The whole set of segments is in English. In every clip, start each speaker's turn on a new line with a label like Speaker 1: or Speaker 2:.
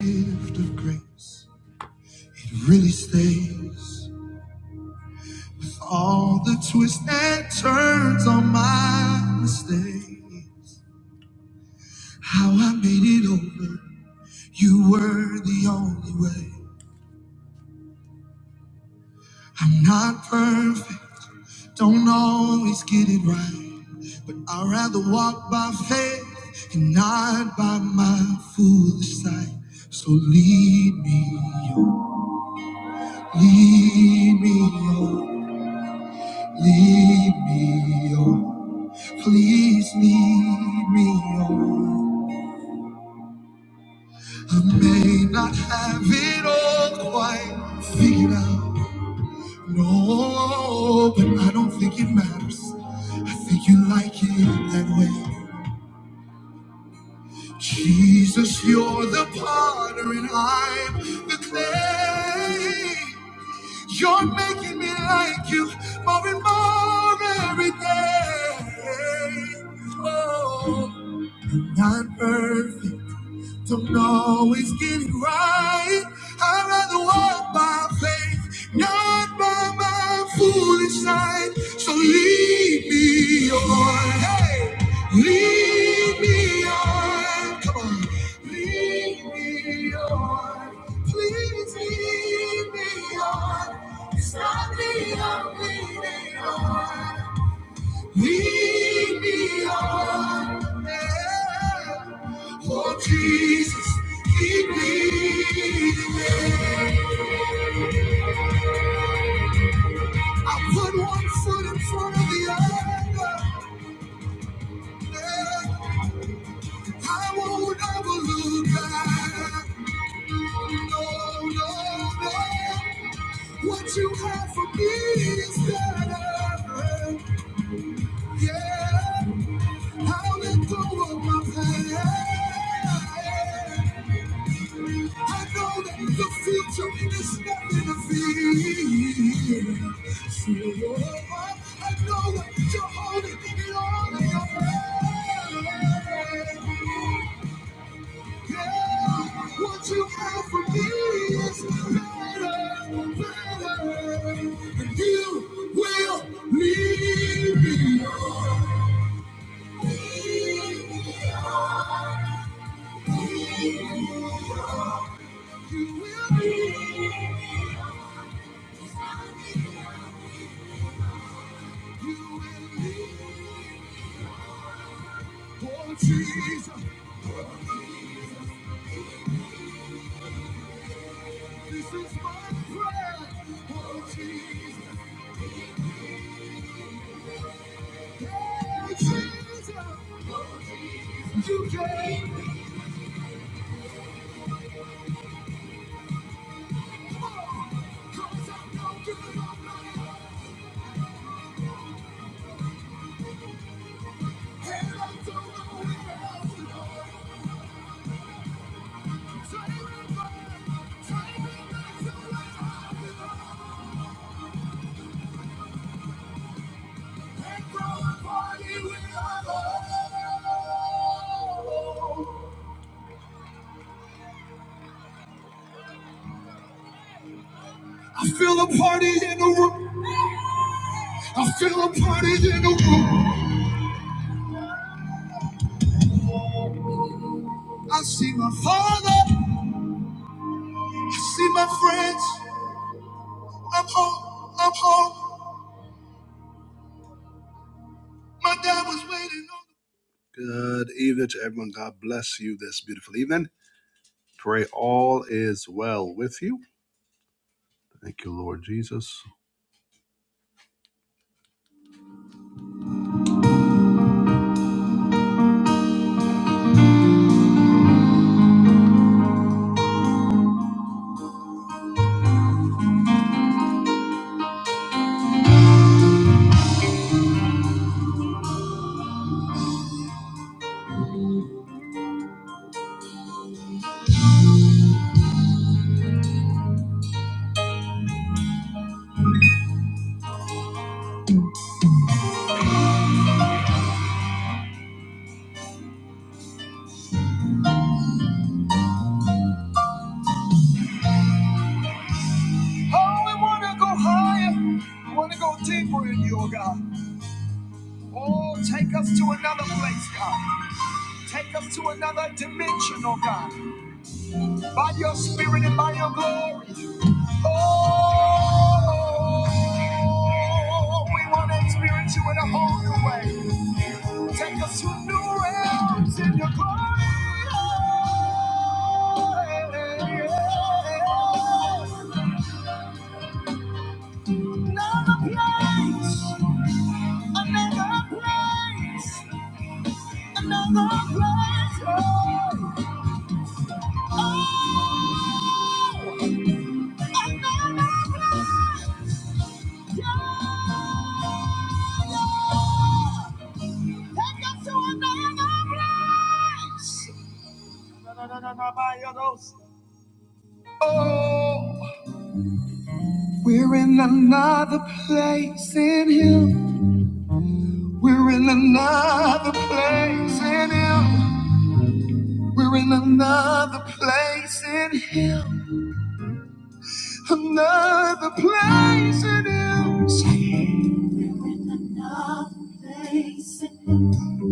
Speaker 1: gift of grace, it really stays with all the twists and turns on my mistakes. How I made it over, you were the only way. I'm not perfect, don't always get it right, but I'd rather walk by faith and not by my foolish sight. So lead me, oh, lead me, oh. Lead me on, please lead me on. I may not have it all quite figured out. No, but I don't think it matters. I think you like it that way. Jesus, you're the potter and I'm the clay. You're making me like you more and more every day. Oh. Not perfect, don't always get it right. I'd rather walk by faith, not by my foolish sight. So lead me on, hey, lead me on. Come on, lead me on, please lead me on. It's not me I'm leaning on. Lead me on. Yeah. Oh, Jesus, keep leading me. I put one foot in front of the other. Yeah. I won't ever look back. No, no, no. What you have for me is better. Yeah, I'll let go of my past. I know that the future is nothing to fear. field. So I know that you're holding it all in your hand. Yeah, what you have for me is better, better. And you will need me. You will need, you will need. Oh, Jesus. This is my prayer, oh Jesus. Oh Jesus, oh Jesus. Cause I know you love me, and I don't know where else to go. Take I feel a party in the room. I feel a party in the room. I see my father. I see my friends. I'm home. I'm home. My dad was waiting on. me. Good evening to everyone. God bless you this beautiful evening. Pray all is well with you. Thank you, Lord Jesus. Oh, we want to go higher. We want to go deeper in you, oh God. Oh, take us to another place, God. Take us to another dimension, oh God. By your spirit and by your glory. Oh, we want you in a whole new way. Helps in your hands. Another place. Another place. Another place. Oh, another place. Take us to another place. Oh, we're in another place in Him. We're in another place in Him. We're in another place in Him. Another place in Him. Say, we're in another place in Him.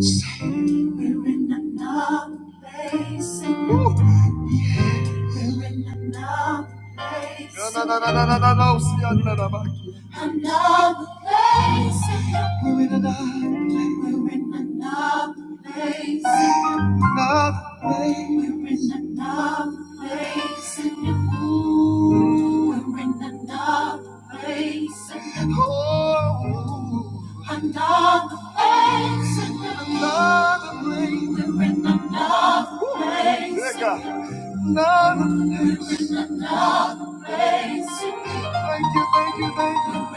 Speaker 1: Say, we're in another place in Him. Another place. Another Another place. We're in another place. We're in another place. We're in another place. Ooh, we're in another place. Oh, Another place. another place. Place. Another Place. Thank you, thank you, thank you.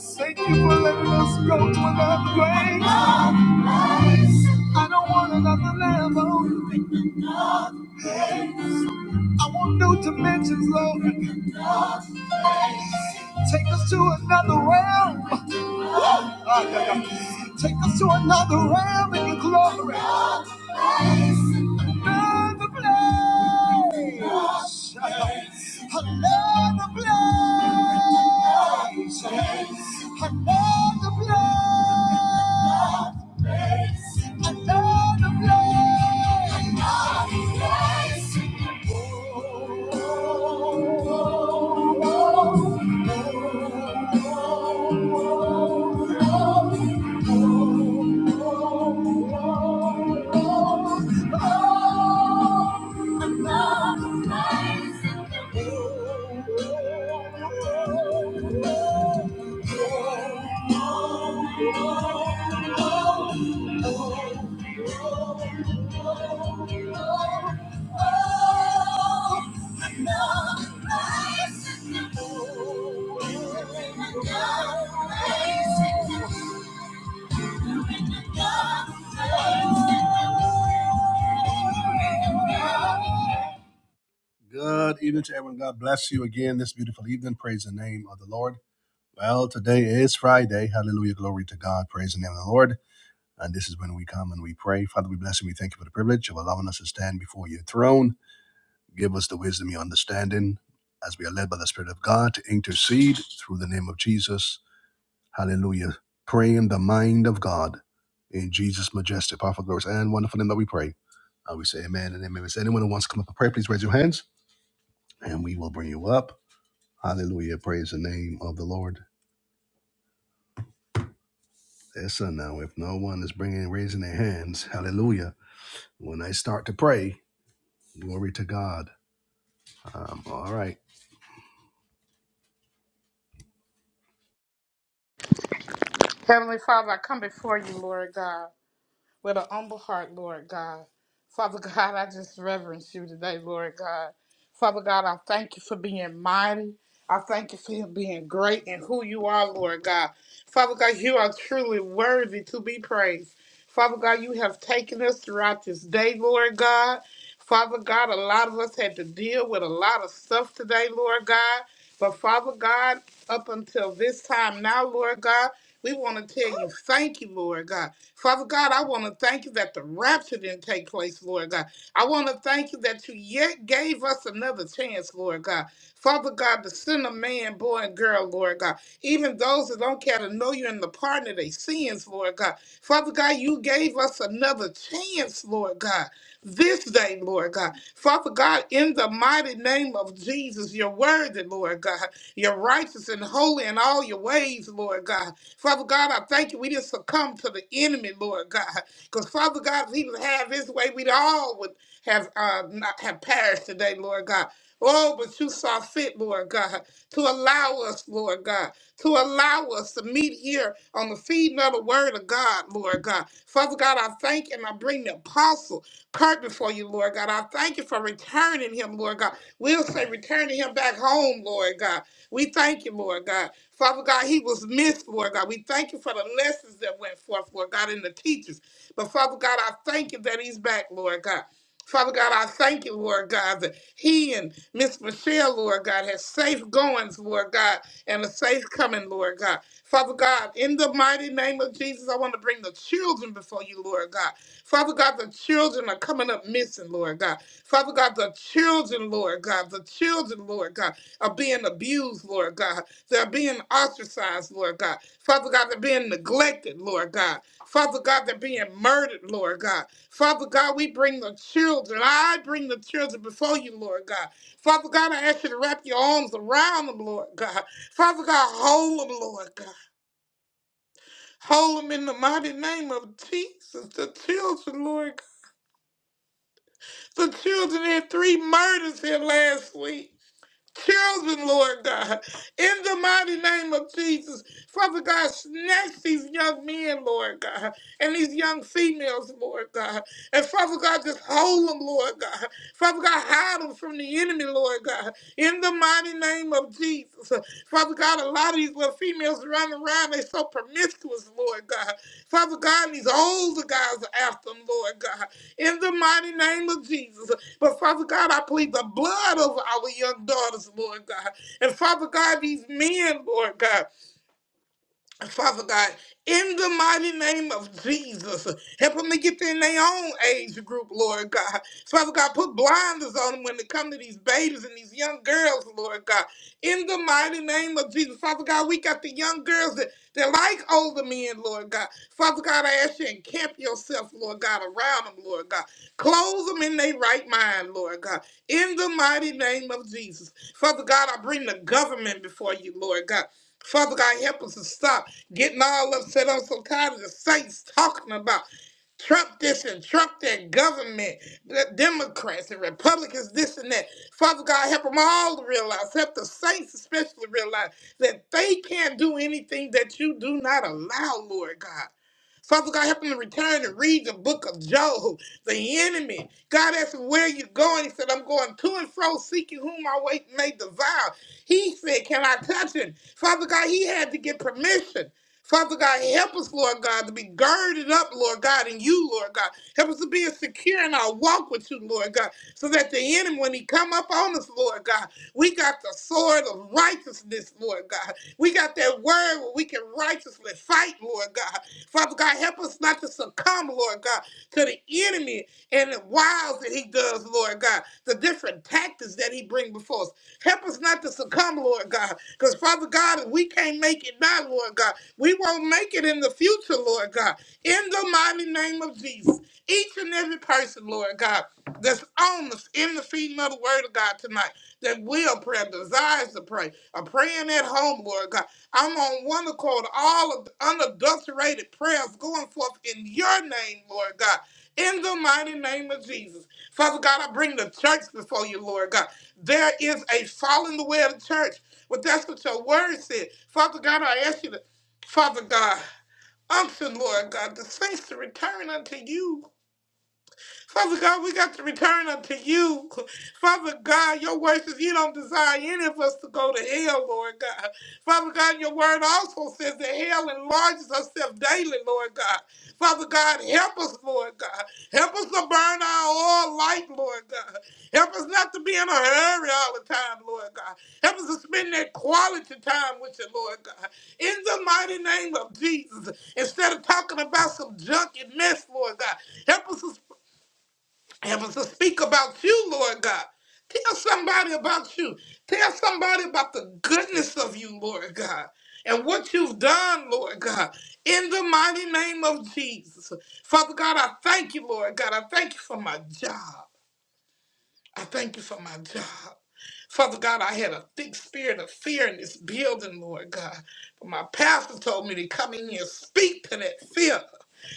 Speaker 1: Thank you for letting us go to another grade. I don't want another level. I want new dimensions, Lord. Take us to another realm. Ah, yeah, yeah. Take us to another realm in your glory. Another place. Another place. Another place. Another place. Another place. Good evening to everyone. God bless you again this beautiful evening. Praise the name of the Lord. Well, today is Friday. Hallelujah. Glory to God. Praise the name of the Lord. And this is when we come and we pray. Father, we bless and we thank you for the privilege of allowing us to stand before your throne. Give us the wisdom, your understanding, as we are led by the Spirit of God to intercede through the name of Jesus. Hallelujah. Praying the mind of God in Jesus' majestic, powerful, glorious, and wonderful name that we pray. And we say amen and amen. Is anyone who wants to come up and pray, please raise your hands and we will bring you up. Hallelujah. Praise the name of the Lord. Listen now, if no one is bringing raising their hands, hallelujah. When I start to pray, glory to God. I'm all right.
Speaker 2: Heavenly Father, I come before you, Lord God with an humble heart, Lord God. Father God, I just reverence you today, Lord God. Father God, I thank you for being mighty. I thank you for being great and who you are, Lord God. Father God, you are truly worthy to be praised. Father God, you have taken us throughout this day, Lord God. Father God, a lot of us had to deal with a lot of stuff today, Lord God. But Father God, up until this time now, Lord God, we want to tell you thank you, Lord God. Father God, I want to thank you that the rapture didn't take place, Lord God. I want to thank you that you yet gave us another chance, Lord God. Father God, to send a man, boy, and girl, Lord God. Even those that don't care to know you and the pardon of their sins, Lord God. Father God, you gave us another chance, Lord God, this day, Lord God. Father God, in the mighty name of Jesus, you're worthy, Lord God. You're righteous and holy in all your ways, Lord God. Father God, I thank you. We didn't succumb to the enemy, Lord God. Because Father God, if he would have his way, we'd all would have uh, not have perished today, Lord God. Oh, but you saw fit, Lord God, to allow us, Lord God, to allow us to meet here on the feeding of the word of God, Lord God. Father God, I thank and I bring the apostle Kurt before you, Lord God. I thank you for returning him, Lord God. We'll say returning him back home, Lord God. We thank you, Lord God. Father God, he was missed, Lord God. We thank you for the lessons that went forth, Lord God, and the teachers. But Father God, I thank you that he's back, Lord God. Father God, I thank you, Lord God, that he and Miss Michelle, Lord God, has safe goings, Lord God, and a safe coming, Lord God. Father God, in the mighty name of Jesus, I want to bring the children before you, Lord God. Father God, the children are coming up missing, Lord God. Father God, the children, Lord God, the children, Lord God, are being abused, Lord God. They're being ostracized, Lord God. Father God, they're being neglected, Lord God. Father God, they're being murdered, Lord God. Father God, we bring the children. I bring the children before you, Lord God. Father God, I ask you to wrap your arms around them, Lord God. Father God, hold them, Lord God. Hold them in the mighty name of Jesus. The children, Lord God. The children had three murders here last week. children, Lord God, in the mighty name of Jesus. Father God, snatch these young men, Lord God, and these young females, Lord God. And Father God, just hold them, Lord God. Father God, hide them from the enemy, Lord God, in the mighty name of Jesus. Father God, a lot of these little females running around, they so promiscuous, Lord God. Father God, and these older guys are after them, Lord God, in the mighty name of Jesus. But Father God, I plead the blood over our young daughters, Lord God. And Father God, these men, Lord God. Father God, in the mighty name of Jesus, help them to get in their own age group, Lord God. Father God, put blinders on them when they come to these babies and these young girls, Lord God. In the mighty name of Jesus, Father God, we got the young girls that, that like older men, Lord God. Father God, I ask you, encamp yourself, Lord God, around them, Lord God. Close them in their right mind, Lord God. In the mighty name of Jesus, Father God, I bring the government before you, Lord God. Father God, help us to stop getting all upset. I'm so tired of the saints talking about Trump this and Trump that government, the Democrats and Republicans this and that. Father God, help them all to realize, help the saints especially realize that they can't do anything that you do not allow, Lord God. Father God, help them to return and read the book of Job, the enemy. God asked him, Where are you going? He said, I'm going to and fro, seeking whom I wait may devour. He said, Can I touch him? Father God, he had to get permission. Father God, help us, Lord God, to be girded up, Lord God, in you, Lord God. Help us to be secure in our walk with you, Lord God, so that the enemy, when he come up on us, Lord God, we got the sword of righteousness, Lord God. We got that word where we can righteously fight, Lord God. Father God, help us not to succumb, Lord God, to the enemy and the wiles that he does, Lord God, the different tactics that he bring before us. Help us not to succumb, Lord God. Because, Father God, if we can't make it now, Lord God, we won't make it in the future, Lord God. In the mighty name of Jesus, each and every person, Lord God, that's on us in the feeding of the Word of God tonight, that will pray, desires to pray, are praying at home, Lord God. I'm on one accord, all of the unadulterated prayers going forth in your name, Lord God. In the mighty name of Jesus. Father God, I bring the church before you, Lord God. There is a following the way of the church, but that's what your word said. Father God, I ask you to, Father God, unction, Lord God, the saints to return unto you. Father God, we got to return unto you. Father God, your word says you don't desire any of us to go to hell, Lord God. Father God, your word also says that hell enlarges herself daily, Lord God. Father God, help us, Lord God. Help us to burn our oil light, Lord God. Help us not to be in a hurry all the time, Lord God. Help us to spend that quality time with you, Lord God. In the mighty name of Jesus, instead of talking about some junk and mess, Lord God, help us to Help us to speak about you, Lord God. Tell somebody about you. Tell somebody about the goodness of you, Lord God, and what you've done, Lord God, in the mighty name of Jesus. Father God, I thank you, Lord God. I thank you for my job. I thank you for my job. Father God, I had a thick spirit of fear in this building, Lord God. But my pastor told me to come in here and speak to that fear.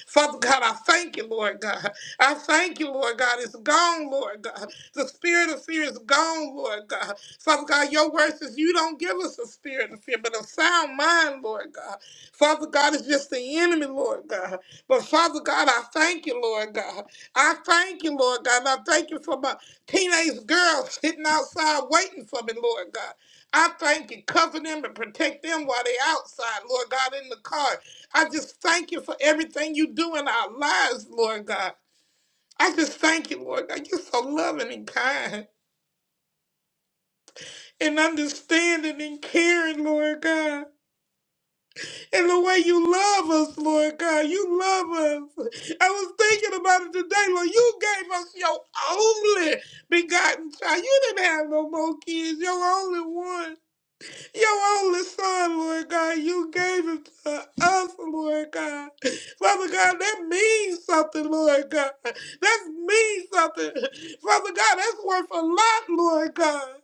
Speaker 2: Father God, I thank you, Lord God. I thank you, Lord God. It's gone, Lord God. The spirit of fear is gone, Lord God. Father God, your word says you don't give us a spirit of fear, but a sound mind, Lord God. Father God, it's just the enemy, Lord God. But Father God, I thank you, Lord God. I thank you, Lord God. And I thank you for my teenage girl sitting outside waiting for me, Lord God. I thank you. Cover them and protect them while they're outside, Lord God, in the car. I just thank you for everything you do in our lives, Lord God. I just thank you, Lord God. You're so loving and kind and understanding and caring, Lord God. And the way you love us, Lord God. You love us. I was thinking about it today, Lord. You gave us your only begotten child. You didn't have no more kids, your only one. your only son, Lord God. You gave him to us, Lord God. Father God, that means something, Lord God. That means something. Father God, that's worth a lot, Lord God.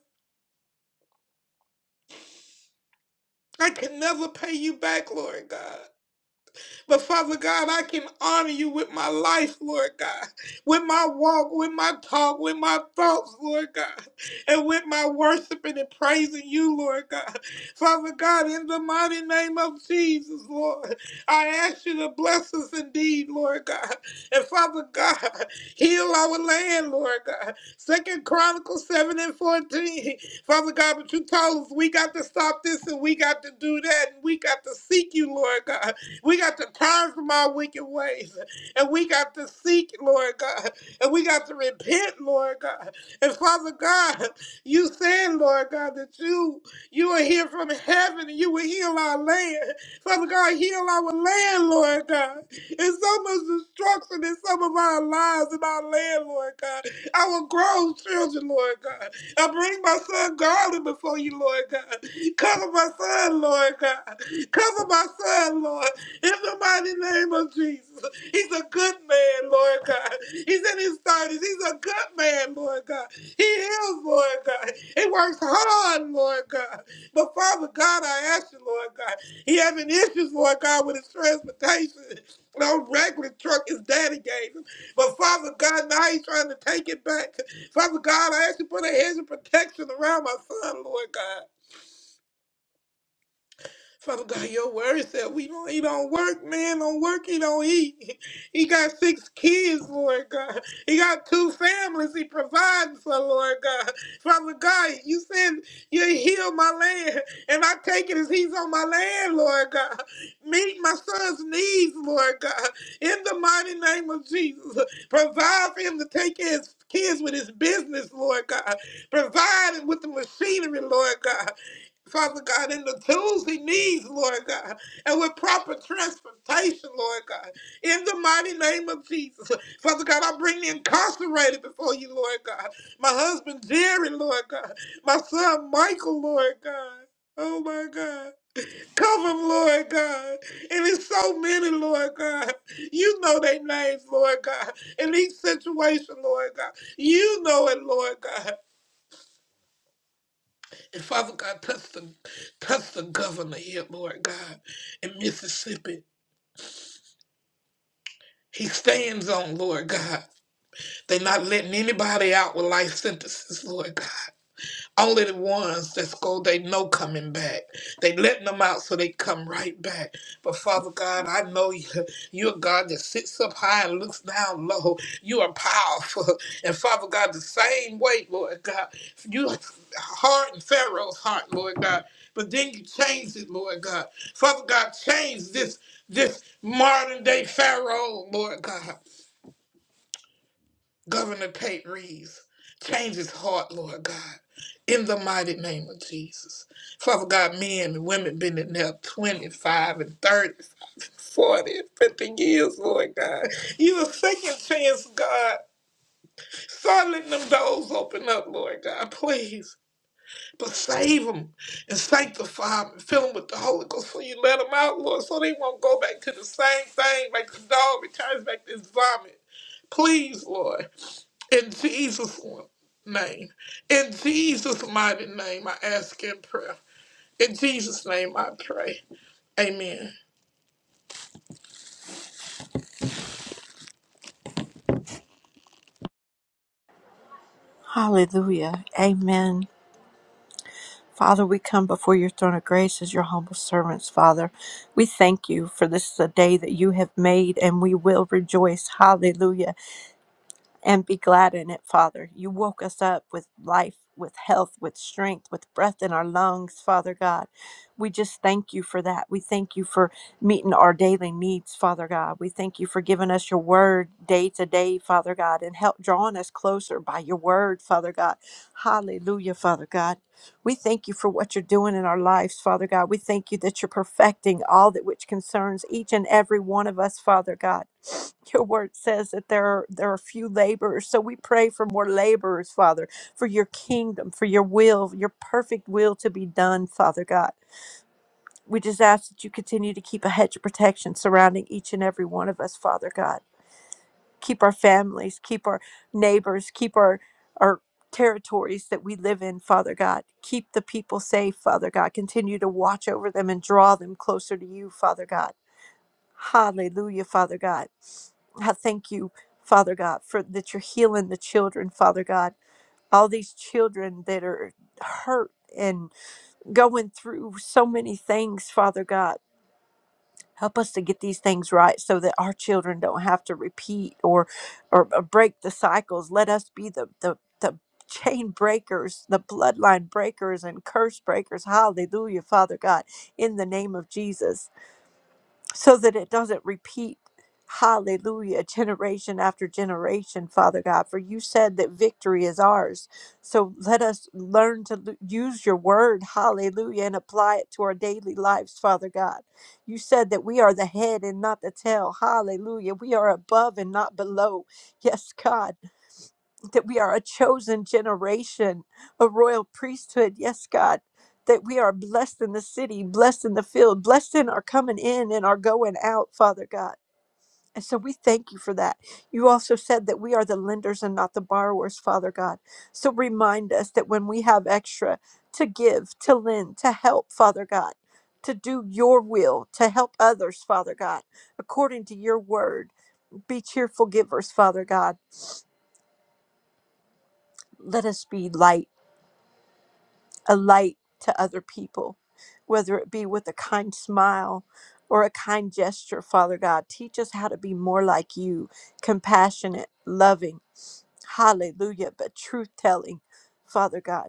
Speaker 2: I can never pay you back, Lord God. But Father God, I can honor you with my life, Lord God, with my walk, with my talk, with my thoughts, Lord God, and with my worshiping and praising you, Lord God. Father God, in the mighty name of Jesus, Lord, I ask you to bless us indeed, Lord God. And Father God, heal our land, Lord God. Second Chronicles 7 and 14. Father God, but you told us we got to stop this and we got to do that and we got to seek you, Lord God. We got to turn from our wicked ways. And we got to seek, Lord God. And we got to repent, Lord God. And Father God, you said, Lord God, that you you are here from heaven and you will heal our land. Father God, heal our land, Lord God. There's so much destruction in some of our lives and our land, Lord God. Our grown children, Lord God. I bring my son Garland before you, Lord God. Cover my son, Lord God. Cover my son, Lord. In the mighty name of Jesus. He's a good man, Lord God. He's in his 30s. He's a good man, Lord God. He is, Lord God. He works hard, Lord God. But Father God, I ask you, Lord God, he having issues, Lord God, with his transportation. No regular truck his daddy gave him. But Father God, now he's trying to take it back. Father God, I ask you to put a hedge of protection around my son, Lord God. Father God, your word said we don't he don't work, man, don't work, he don't eat. He got six kids, Lord God. He got two families he provides for, Lord God. Father God, you said you heal my land, and I take it as he's on my land, Lord God. Meet my son's needs, Lord God. In the mighty name of Jesus. Provide for him to take care of his kids with his business, Lord God. Provide him with the machinery, Lord God. Father God, in the tools he needs, Lord God, and with proper transportation, Lord God, in the mighty name of Jesus. Father God, I bring the incarcerated before you, Lord God. My husband Jerry, Lord God. My son Michael, Lord God. Oh my God. Cover him, Lord God. And it's so many, Lord God. You know their names, Lord God. In each situation, Lord God. You know it, Lord God. And Father God, touch the, touch the governor here, Lord God, in Mississippi. He stands on, Lord God. They're not letting anybody out with life sentences, Lord God. Only the ones that's go they know coming back. They letting them out so they come right back. But Father God, I know you, you're a God that sits up high and looks down low. You are powerful. And Father God, the same way, Lord God, you hardened Pharaoh's heart, Lord God. But then you changed it, Lord God. Father God, change this this modern day Pharaoh, Lord God. Governor Pate Reeves, change his heart, Lord God, in the mighty name of Jesus. Father God, men and women been in there 25 and 30, 40 and 50 years, Lord God. You a second chance, God. Start letting them doors open up, Lord God, please. But save them and sanctify them and fill them with the Holy Ghost so you let them out, Lord, so they won't go back to the same thing like the dog returns back to his vomit. Please, Lord. In Jesus' name, in Jesus' mighty name, I ask in prayer. In Jesus' name, I pray. Amen.
Speaker 3: Hallelujah. Amen. Father, we come before your throne of grace as your humble servants, Father. We thank you for this is a day that you have made and we will rejoice. Hallelujah and be glad in it, Father. You woke us up with life, with health, with strength, with breath in our lungs, Father God. We just thank you for that. We thank you for meeting our daily needs, Father God. We thank you for giving us your word day to day, Father God, and help drawing us closer by your word, Father God. Hallelujah, Father God. We thank you for what you're doing in our lives, Father God. We thank you that you're perfecting all that which concerns each and every one of us, Father God. Your word says that there are, there are few laborers, so we pray for more laborers, Father, for your kingdom, for your will, your perfect will to be done, Father God. We just ask that you continue to keep a hedge of protection surrounding each and every one of us, Father God keep our families, keep our neighbors, keep our our territories that we live in, Father God. Keep the people safe, Father God. Continue to watch over them and draw them closer to you, Father God. Hallelujah, Father God. I thank you, Father God, for that you're healing the children, Father God. All these children that are hurt and going through so many things, Father God help us to get these things right so that our children don't have to repeat or or, or break the cycles let us be the the, the chain breakers the bloodline breakers and curse breakers hallelujah father god in the name of jesus so that it doesn't repeat, hallelujah, generation after generation, Father God. For you said that victory is ours. So let us learn to l- use your word, hallelujah, and apply it to our daily lives, Father God. You said that we are the head and not the tail, hallelujah. We are above and not below. Yes, God that we are a chosen generation, a royal priesthood. Yes, God, that we are blessed in the city, blessed in the field, blessed in our coming in and our going out, Father God. And so we thank you for that. You also said that we are the lenders and not the borrowers, Father God. So remind us that when we have extra to give, to lend, to help, Father God, to do your will, to help others, Father God, according to your word. Be cheerful givers, Father God. Let us be light a light to other people, whether it be with a kind smile or a kind gesture, Father God. Teach us how to be more like you, compassionate, loving, hallelujah, but truth telling, Father God.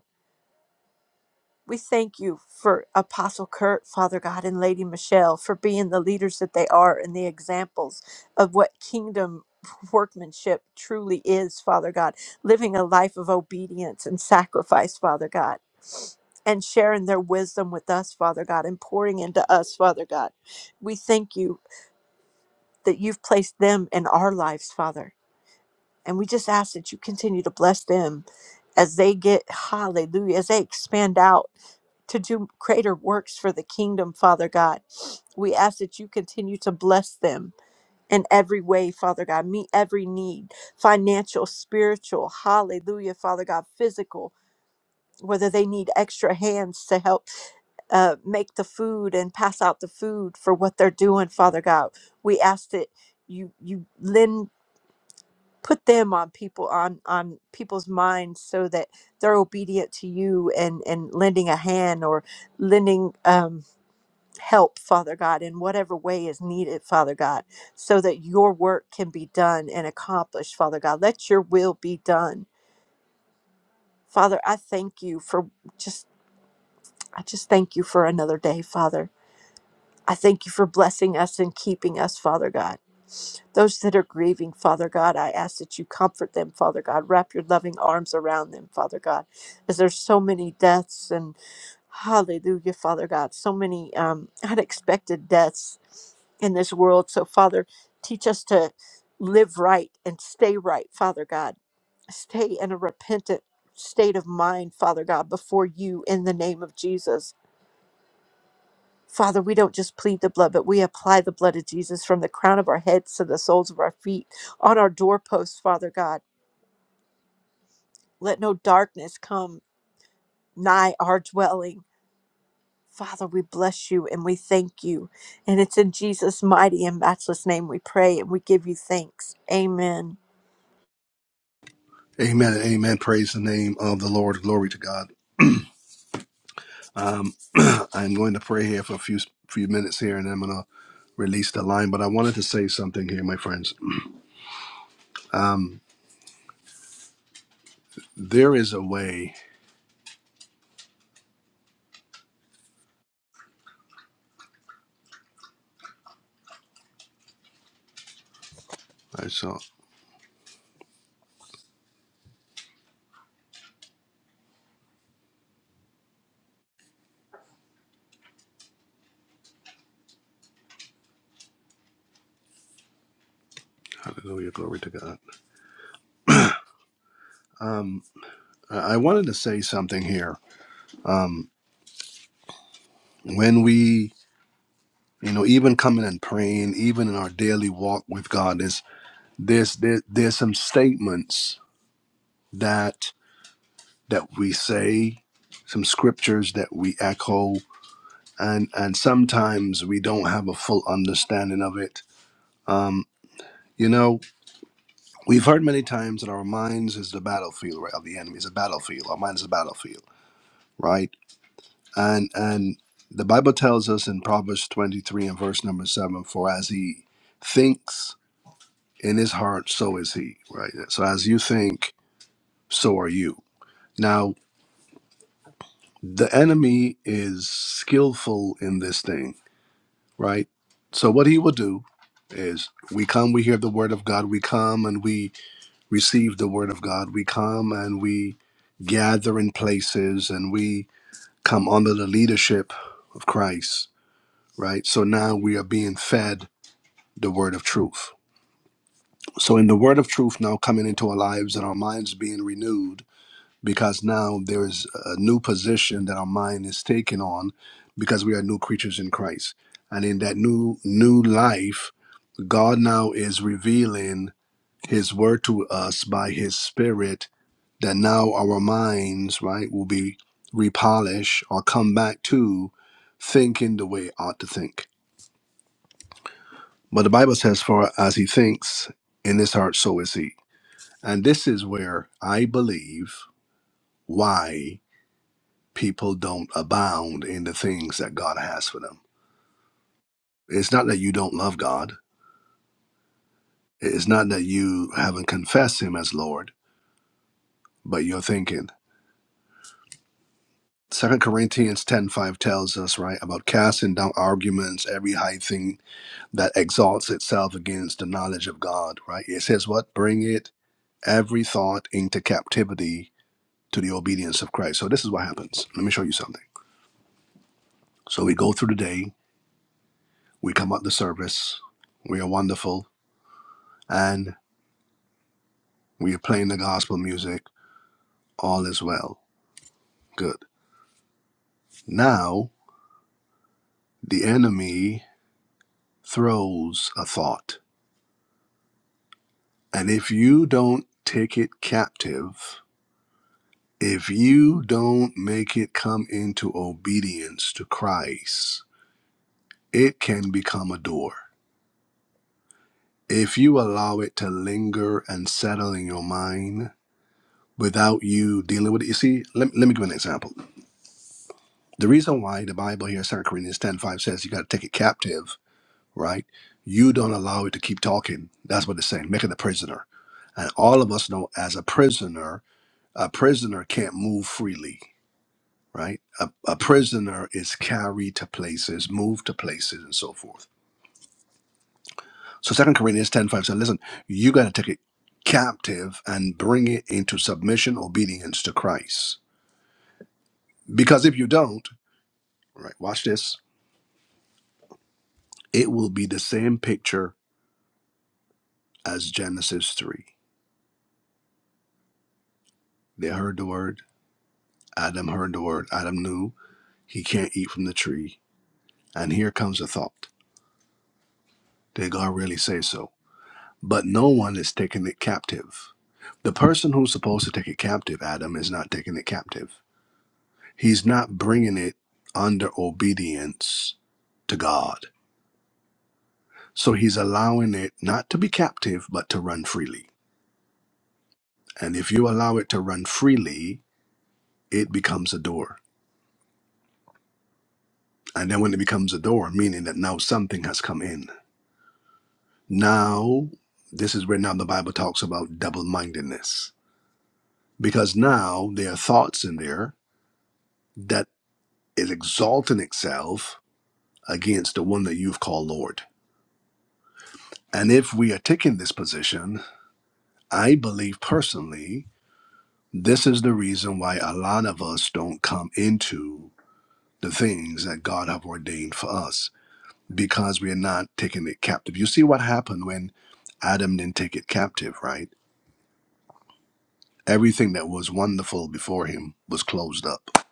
Speaker 3: We thank you for Apostle Kurt, Father God, and Lady Michelle for being the leaders that they are and the examples of what kingdom workmanship truly is, Father God, living a life of obedience and sacrifice, Father God. And sharing their wisdom with us, Father God, and pouring into us, Father God. We thank you that you've placed them in our lives, Father. And we just ask that you continue to bless them as they get, hallelujah, as they expand out to do greater works for the kingdom, Father God. We ask that you continue to bless them in every way, Father God. Meet every need financial, spiritual, hallelujah, Father God, physical, whether they need extra hands to help uh, make the food and pass out the food for what they're doing, Father God. We ask that you you lend put them on people on on people's minds so that they're obedient to you and and lending a hand or lending um help, Father God, in whatever way is needed, Father God, so that your work can be done and accomplished, Father God. Let your will be done. Father, I thank you for just, I just thank you for another day, Father. I thank you for blessing us and keeping us, Father God. Those that are grieving, Father God, I ask that you comfort them, Father God. Wrap your loving arms around them, Father God, as there's so many deaths and hallelujah, Father God, so many um, unexpected deaths in this world. So, Father, teach us to live right and stay right, Father God. Stay in a repentant state of mind, Father God, before you in the name of Jesus. Father, we don't just plead the blood, but we apply the blood of Jesus from the crown of our heads to the soles of our feet, on our doorposts, Father God. Let no darkness come nigh our dwelling. Father, we bless you and we thank you. And it's in Jesus' mighty and matchless name we pray and we give you thanks. Amen.
Speaker 1: Amen. Amen. Praise the name of the Lord. Glory to God. Um, I'm going to pray here for a few few minutes here, and I'm going to release the line. But I wanted to say something here, my friends. Um, there is a way. I saw. Hallelujah. Glory to God. Um, I I wanted to say something here. Um, when we, you know, even coming and praying, even in our daily walk with God, there's there's there, there's some statements that that we say, some scriptures that we echo, and and sometimes we don't have a full understanding of it. Um, you know, we've heard many times that our minds is the battlefield, right? Of the enemy is a battlefield. Our mind is a battlefield, right? And and the Bible tells us in Proverbs twenty three and verse number seven, for as he thinks in his heart, so is he, right? So as you think, so are you. Now the enemy is skillful in this thing right? So what he will do is we come, we hear the word of God, we come and we receive the word of God, we come and we gather in places and we come under the leadership of Christ, right? So now we are being fed the word of truth. So in the word of truth now coming into our lives and our minds being renewed because now there is a new position that our mind is taken on because we are new creatures in Christ. And in that new new life, God now is revealing his word to us by his spirit that now our minds, right, will be repolished or come back to thinking the way it ought to think. But the Bible says, For as he thinks in his heart, so is he. And this is where I believe why people don't abound in the things that God has for them. It's not that you don't love God. It's not that you haven't confessed him as Lord, but you're thinking. Second Corinthians 10 5 tells us, right, about casting down arguments, every high thing that exalts itself against the knowledge of God, right? It says what? Bring it, every thought into captivity to the obedience of Christ. So this is what happens. Let me show you something. So we go through the day, we come out the service, we are wonderful, and. We are playing the gospel music. All is well. Good. Now, the enemy throws a thought. And if you don't take it captive, if you don't make it come into obedience to Christ, it can become a door. If you allow it to linger and settle in your mind without you dealing with it, you see, let, let me give an example. The reason why the Bible here, 2 Corinthians ten five says you got to take it captive right? You don't allow it to keep talking. That's what it's saying. Make it a prisoner. And all of us know as a prisoner, a prisoner can't move freely, right? A, a prisoner is carried to places, moved to places, and so forth. So Second Corinthians ten five said, listen, you got to take it captive and bring it into submission, obedience to Christ. Because if you don't, right, watch this, it will be the same picture as Genesis 3. They heard the word, Adam heard the word, Adam knew, He can't eat from the tree. And here comes a thought. Did God really say so? But no one is taking it captive. The person who's supposed to take it captive, Adam, is not taking it captive. He's not bringing it under obedience to God. So he's allowing it not to be captive, but to run freely. And if you allow it to run freely, it becomes a door. And then when it becomes a door, meaning that now something has come in. Now, this is where now the Bible talks about double mindedness because now there are thoughts in there that is exalting itself against the one that you've called Lord. And if we are taking this position, I believe personally, this is the reason why a lot of us don't come into the things that God have ordained for us because we are not taking it captive. You see what happened when Adam didn't take it captive, right? Everything that was wonderful before him was closed up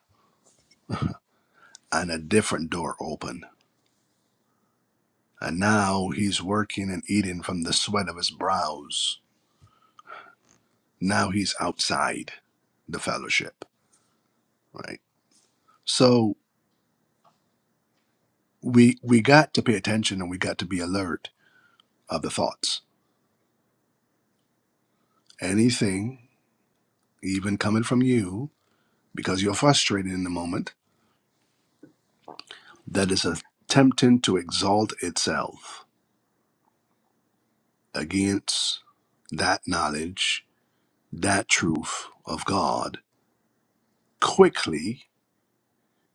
Speaker 1: and a different door opened And now he's working and eating from the sweat of his brows. Now he's outside the fellowship, right? So we we got to pay attention and we got to be alert of the thoughts. Anything, even coming from you, because you're frustrated in the moment, that is attempting to exalt itself against that knowledge, that truth of God, quickly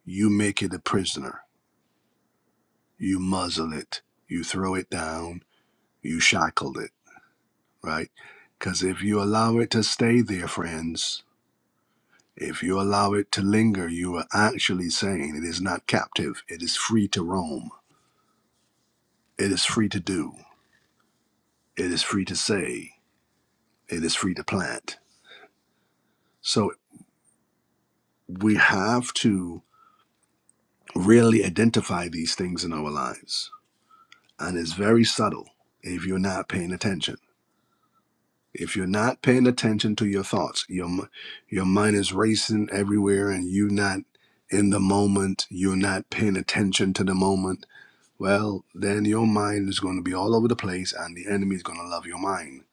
Speaker 1: you make it a prisoner you muzzle it, you throw it down, you shackle it, right? Because if you allow it to stay there, friends, if you allow it to linger, you are actually saying it is not captive. It is free to roam. It is free to do. It is free to say. It is free to plant. So we have to really identify these things in our lives. And it's very subtle if you're not paying attention. If you're not paying attention to your thoughts, your m- your mind is racing everywhere, and you're not in the moment. You're not paying attention to the moment. Well, then your mind is going to be all over the place, and the enemy is going to love your mind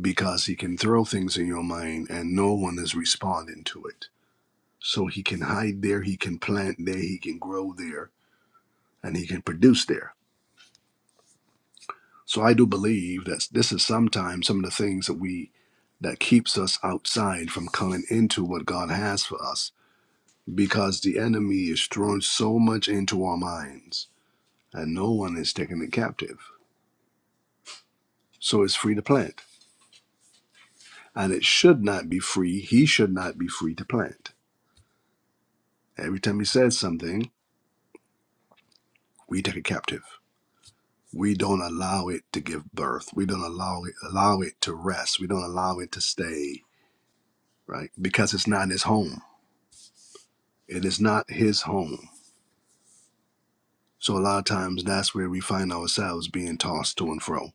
Speaker 1: because he can throw things in your mind, and no one is responding to it. So he can hide there, he can plant there, he can grow there, and he can produce there. So I do believe that this is sometimes some of the things that we that keeps us outside from coming into what God has for us because the enemy is throwing so much into our minds and no one is taking it captive. So it's free to plant. And it should not be free. He should not be free to plant. Every time he says something, we take it captive. We don't allow it to give birth. We don't allow it allow it to rest. We don't allow it to stay, right? Because it's not his home It is not his home. So a lot of times that's where we find ourselves being tossed to and fro.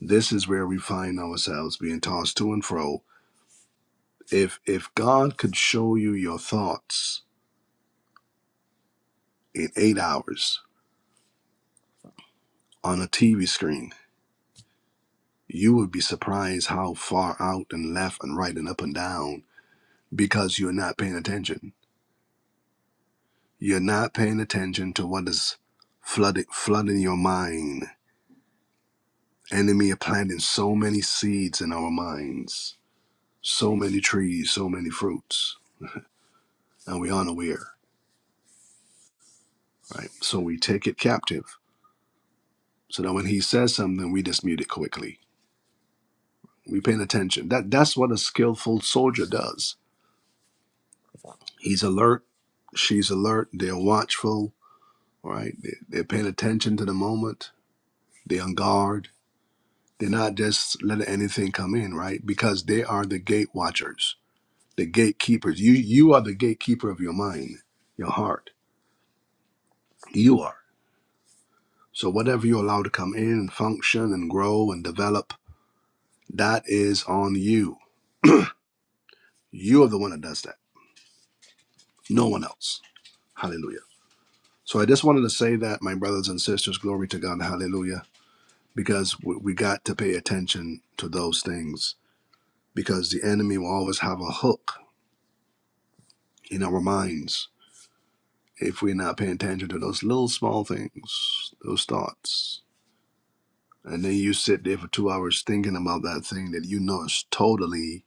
Speaker 1: This is where we find ourselves being tossed to and fro. If if God could show you your thoughts in 8 hours on a TV screen, you would be surprised how far out and left and right and up and down because you're not paying attention. You're not paying attention to what is flooding flooding your mind. Enemy are planting so many seeds in our minds so many trees, so many fruits, and we aren't right? So we take it captive. So that when he says something, we dispute it quickly. We paying attention. That that's what a skillful soldier does. He's alert, she's alert, they're watchful, right? They, they're paying attention to the moment, they're on guard. They're not just letting anything come in, right? Because they are the gate watchers, the gatekeepers. You you are the gatekeeper of your mind, your heart. You are. So whatever you allow to come in and function and grow and develop, that is on you. You are the one that does that. No one else. Hallelujah. So I just wanted to say that, my brothers and sisters, glory to God, hallelujah, because we, we got to pay attention to those things because the enemy will always have a hook in our minds if we're not paying attention to those little small things, those thoughts. And then you sit there for two hours thinking about that thing that you know is totally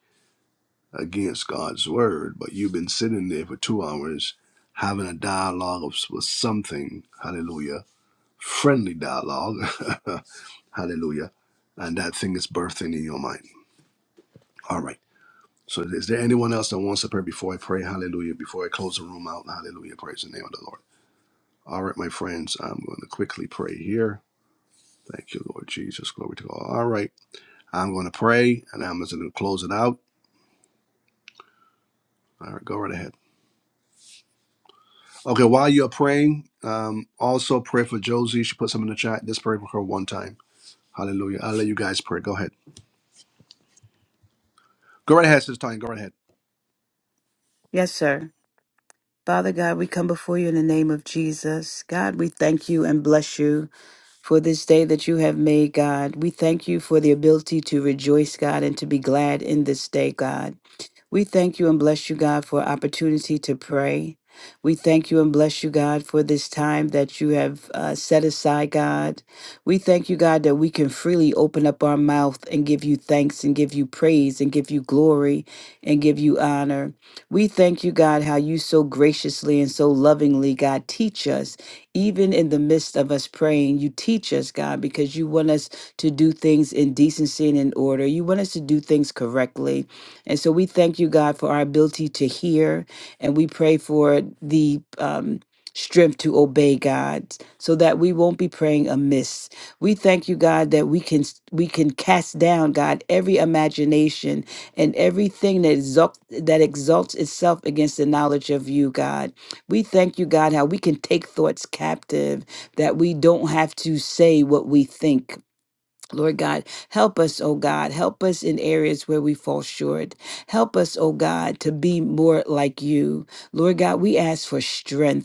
Speaker 1: against God's word, but you've been sitting there for two hours having a dialogue of, with something, hallelujah, friendly dialogue, hallelujah, and that thing is birthing in your mind. All right. So is there anyone else that wants to pray before I pray? Hallelujah. Before I close the room out, hallelujah. Praise the name of the Lord. All right, my friends, I'm going to quickly pray here. Thank you, Lord Jesus. Glory to God. All right. I'm going to pray and I'm just going to close it out. All right, go right ahead. Okay, while you're praying, um, also pray for Josie. She put some in the chat. Just pray for her one time. Hallelujah. I'll let you guys pray. Go ahead. Go right ahead, Sister Tanya. Go right ahead.
Speaker 4: Yes, sir. Father God, we come before you in the name of Jesus. God, we thank you and bless you for this day that you have made, God. We thank you for the ability to rejoice, God, and to be glad in this day, God. We thank you and bless you, God, for opportunity to pray. We thank you and bless you, God, for this time that you have uh, set aside, God. We thank you, God, that we can freely open up our mouth and give you thanks and give you praise and give you glory and give you honor. We thank you, God, how you so graciously and so lovingly, God, teach us, even in the midst of us praying. You teach us, God, because you want us to do things in decency and in order. You want us to do things correctly. And so we thank you, God, for our ability to hear, and we pray for the um, strength to obey God, so that we won't be praying amiss. We thank you, God, that we can we can cast down, God, every imagination and everything that exalt, that exalts itself against the knowledge of you, God. We thank you, God, how we can take thoughts captive, that we don't have to say what we think Lord God, help us, oh God. Help us in areas where we fall short. Help us, oh God, to be more like you. Lord God, we ask for strength.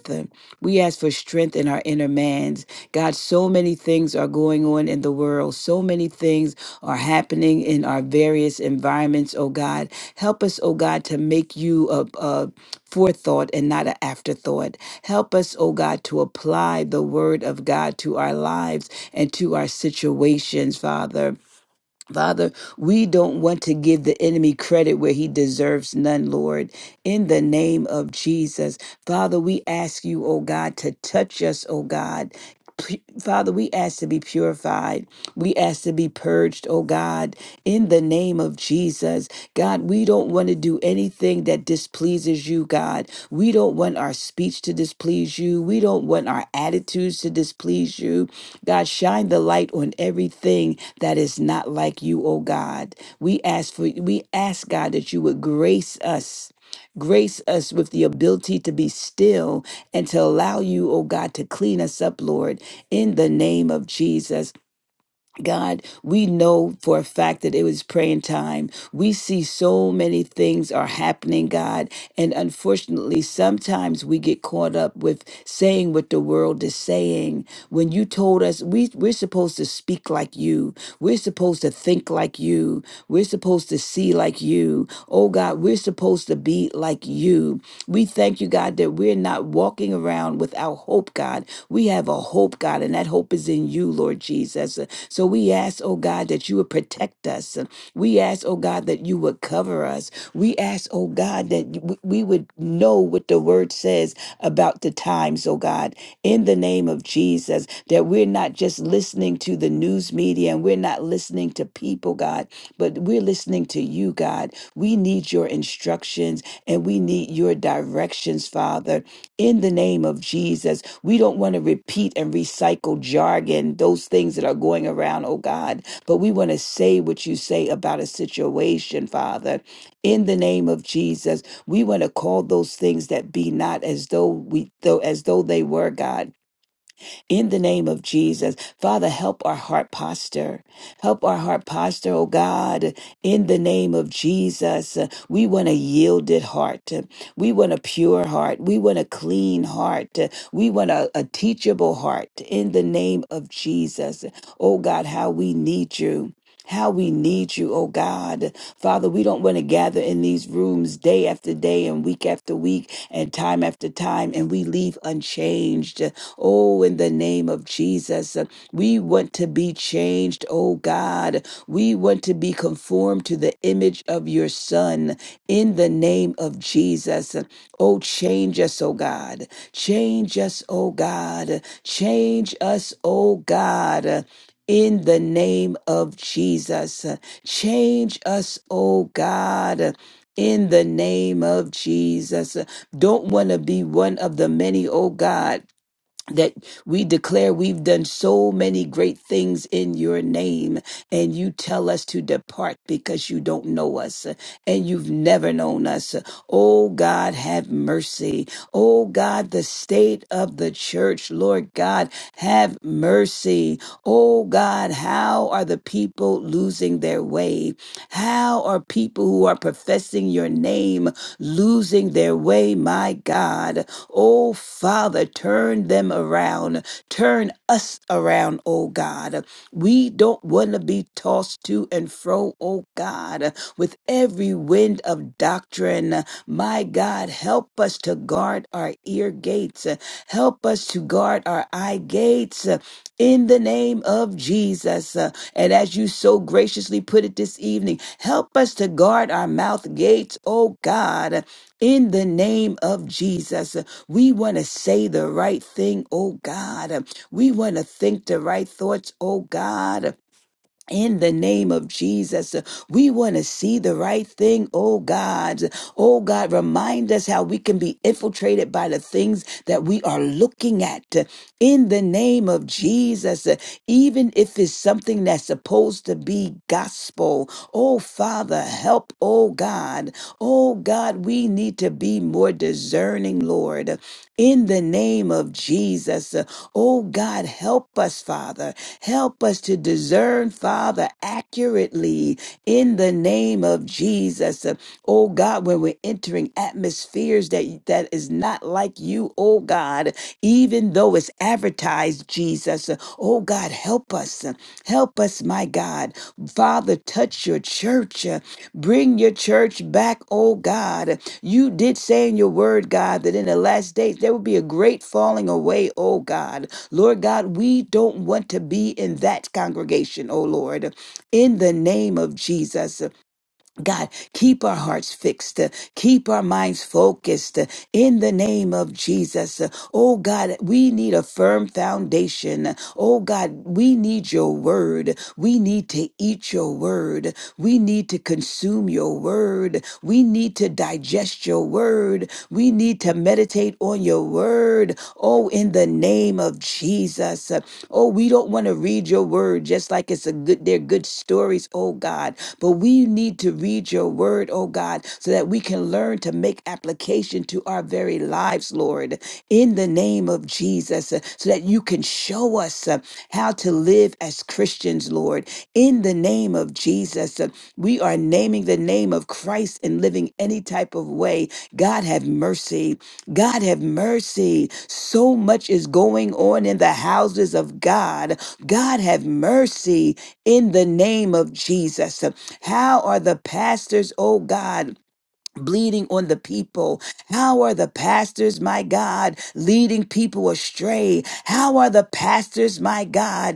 Speaker 4: We ask for strength in our inner mans. God, so many things are going on in the world. So many things are happening in our various environments, oh God. Help us, oh God, to make you a, a forethought and not an afterthought. Help us, oh God, to apply the word of God to our lives and to our situations, Father. Father, we don't want to give the enemy credit where he deserves none, Lord. In the name of Jesus, Father, we ask you, oh God, to touch us, oh God. P- Father, we ask to be purified. We ask to be purged, oh God, in the name of Jesus. God, we don't want to do anything that displeases you, God. We don't want our speech to displease you. We don't want our attitudes to displease you. God, shine the light on everything that is not like you, O God. We ask for we ask God that you would grace us. Grace us with the ability to be still and to allow you, O God, to clean us up, Lord, in the name of Jesus. God, we know for a fact that it was praying time. We see so many things are happening, God. And unfortunately, sometimes we get caught up with saying what the world is saying. When you told us we, we're supposed to speak like you, we're supposed to think like you, we're supposed to see like you. Oh God, we're supposed to be like you. We thank you, God, that we're we're not walking around without hope, God. We have a hope, God, and that hope is in you, Lord Jesus. So we ask, oh God, that you would protect us. We ask, oh God, that you would cover us. We ask, oh God, that w- we would know what the word says about the times, oh God, in the name of Jesus, that we're not just listening listening to the news media and we're not listening to people, God, but we're listening to you, God. We need your instructions and we need your directions, Father, in the name of Jesus. We don't want to repeat and recycle jargon, those things that are going around, oh God, but we want to say what you say about a situation, Father. In the name of Jesus, we want to call those things that be not as though we though as though they were, God in the name of Jesus. Father, help our heart posture. Help our heart posture, oh God, in the name of Jesus. Uh, We want a yielded heart. We want a pure heart. We want a clean heart. We want a, a teachable heart in the name of Jesus. Oh God, how we need you how we need you, oh God. Father, we don't want to gather in these rooms day after day and week after week and time after time and we leave unchanged. Oh, in the name of Jesus, uh, we want to be changed, oh God. We want to be conformed to the image of your Son in the name of Jesus. Oh, change us, oh God. Change us, oh God. Change us, oh God in the name of Jesus. Change us, oh God. In the name of Jesus. Don't want to be one of the many, oh God, that we declare we've done so many great things in your name, and you tell us to depart because you don't know us and you've never known us. Oh God, have mercy. Oh God, the state of the church, Lord God, have mercy. Oh God, how are the people losing their way? How are people who are professing your name losing their way, my God? Oh, Father, turn them around. Turn us around, oh God. We don't want to be tossed to and fro, oh God, with every wind of doctrine. My God, help us to guard our ear gates. Help us to guard our eye gates. In the name of Jesus. Uh, And as you so graciously put it this evening, help us to guard our mouth gates, oh God. In the name of Jesus. We want to say the right thing, oh God. We want to think the right thoughts, oh God in the name of Jesus, we want to see the right thing, oh God. Oh God, remind us how we can be infiltrated by the things that we are looking at. In the name of Jesus, even if it's something that's supposed to be gospel, oh Father, help, oh God. Oh God, we need to be more discerning, Lord. In the name of Jesus, oh God, help us, Father. Help us to discern, Father, accurately in the name of Jesus. Uh, Oh God, when we're entering atmospheres that, that is not like you, oh God, even though it's advertised, Jesus. Uh, Oh God, help us. uh, Help us, my God. Father, touch your church. uh, Bring your church back, oh God. You did say in your word, God, that in the last days there will be a great falling away, oh God. Lord God, we don't want to be in that congregation, oh Lord. In the name of Jesus, God, keep our hearts fixed, keep our minds focused. In the name of Jesus, oh God, we need a firm foundation. Oh God, we need your word. We need to eat your word. We need to consume your word. We need to digest your word. We need to meditate on your word. Oh, in the name of Jesus. Oh, we don't want to read your word just like it's a good, they're good stories, oh God. But we need to read your word, oh God, so that we can learn to make application to our very lives, Lord, in the name of Jesus, uh, so that you can show us uh, how to live as Christians, Lord, in the name of Jesus. Uh, We are naming the name of Christ and living any type of way God have mercy. God have mercy. So much is going on in the houses of God. God have mercy in the name of Jesus. How are the pastors, oh God? Bleeding on the people. How are the pastors, my God, leading people astray? How are the pastors, my God,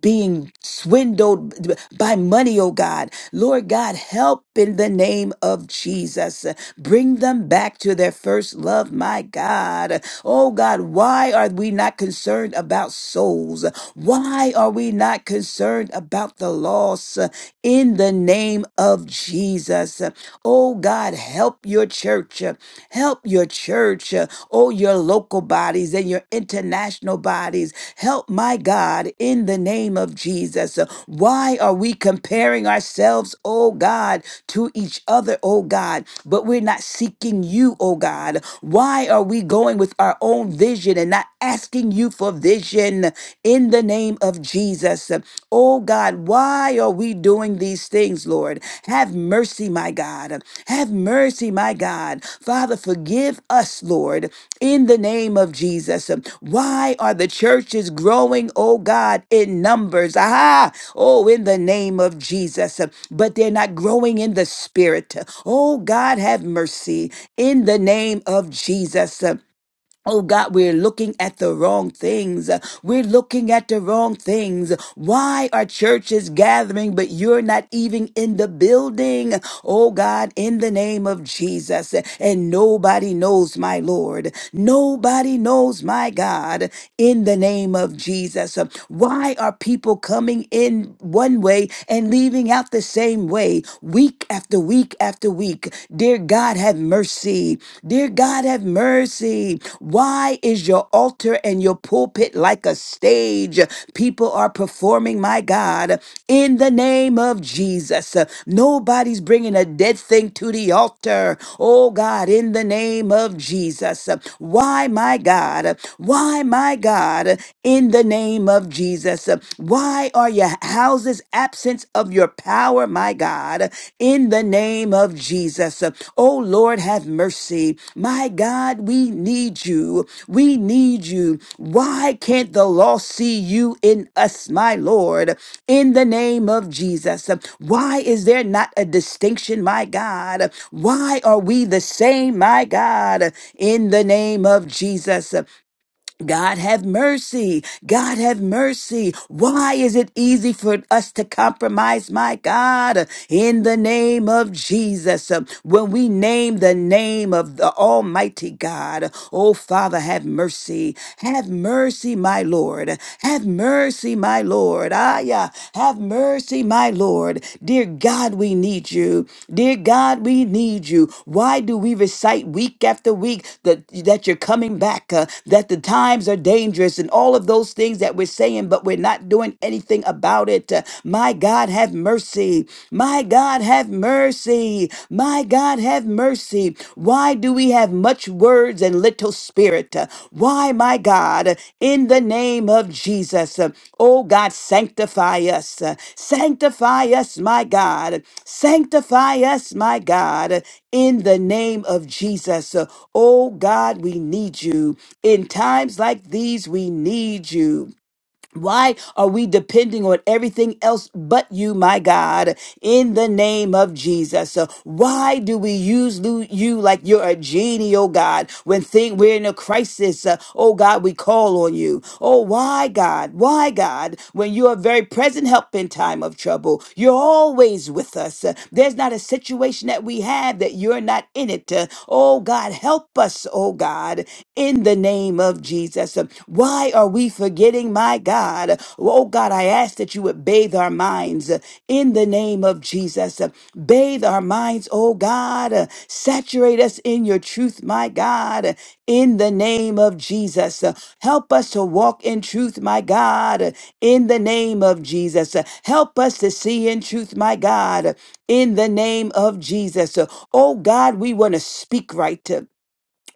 Speaker 4: being swindled by money, oh God. Lord God, help in the name of Jesus. Bring them back to their first love, my God. Oh God, why are we not concerned about souls? Why are we not concerned about the loss in the name of Jesus? Oh God, help your church church. uh, Help your church. uh, Oh, your local bodies and your international bodies. Help my God in the name of Jesus. Uh, Why are we comparing ourselves, oh God, to each other, oh God, but we're not seeking you, oh God? Why are we going with our own vision and not asking you for vision in the name of Jesus? Jesus. Oh God, why are we doing these things, Lord? Have mercy, my God. Have mercy, my God. Father, forgive us, Lord, in the name of Jesus. Why are the churches growing, oh God, in numbers? Aha! Oh, in the name of Jesus. But they're not growing in the spirit. Oh God, have mercy in the name of Jesus. Oh God, we're looking at the wrong things. We're looking at the wrong things. Why are churches gathering, but you're not even in the building? Oh God, in the name of Jesus. And nobody knows my Lord. Nobody knows my God in the name of Jesus. Why are people coming in one way and leaving out the same way week after week? after? after week. Dear God, have mercy. Dear God, have mercy. Why is your altar and your pulpit like a stage? People are performing, my God, in the name of Jesus. Nobody's bringing a dead thing to the altar. Oh God, in the name of Jesus. Why, my God? Why, my God? In the name of Jesus. Why are are your houses absence of your power, my God, in the name of Jesus. Oh Lord, have mercy. My God, we need you. We need you. Why can't the lost see you in us, my Lord, in the name of Jesus? Why is there not a distinction, my God? Why are we the same, my God, in the name of Jesus? God have mercy. God have mercy. Why is it easy for us to compromise, my God? In the name of Jesus, uh, when we name the name of the Almighty God, oh Father, have mercy. Have mercy, my Lord. Have mercy, my Lord. Ah, yeah. Have mercy, my Lord. Dear God, we need you. Dear God, we need you. Why do we receive? recite week after week that, that you're coming back, uh, that the times are dangerous, and all of those things that we're saying, but we're not doing anything about it. Uh, my God, have mercy. My God, have mercy. My God, have mercy. Why do we have much words and little spirit? Uh, Why, my God, in the name of Jesus, uh, oh God, sanctify us. Uh, Sanctify us, my God. Sanctify us, my God in the name of Jesus. Uh, Oh God, we need you. In times like these, we need you. Why are we depending on everything else but you, my God, in the name of Jesus? So why do we use lu- you like you're a genie, oh God, when thing, we're in a crisis? uh, oh God, we call on you. Oh, why, God? Why, God? When you are very present help in time of trouble, you're always with us. Uh, there's not a situation that we have that you're not in it. Uh, Oh God, help us, oh God, in the name of Jesus. Why are we forgetting, my God? Oh God, I ask that you would bathe our minds in the name of Jesus. Bathe our minds, oh God. Saturate us in your truth, my God, in the name of Jesus. Help us to walk in truth, my God, in the name of Jesus. Help us to see in truth, my God, in the name of Jesus. Oh God, we want to speak right.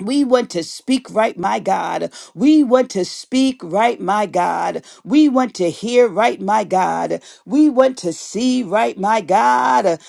Speaker 4: We want to speak right, my God. We want to speak right, my God. We want to hear right, my God. We want to see right, my God.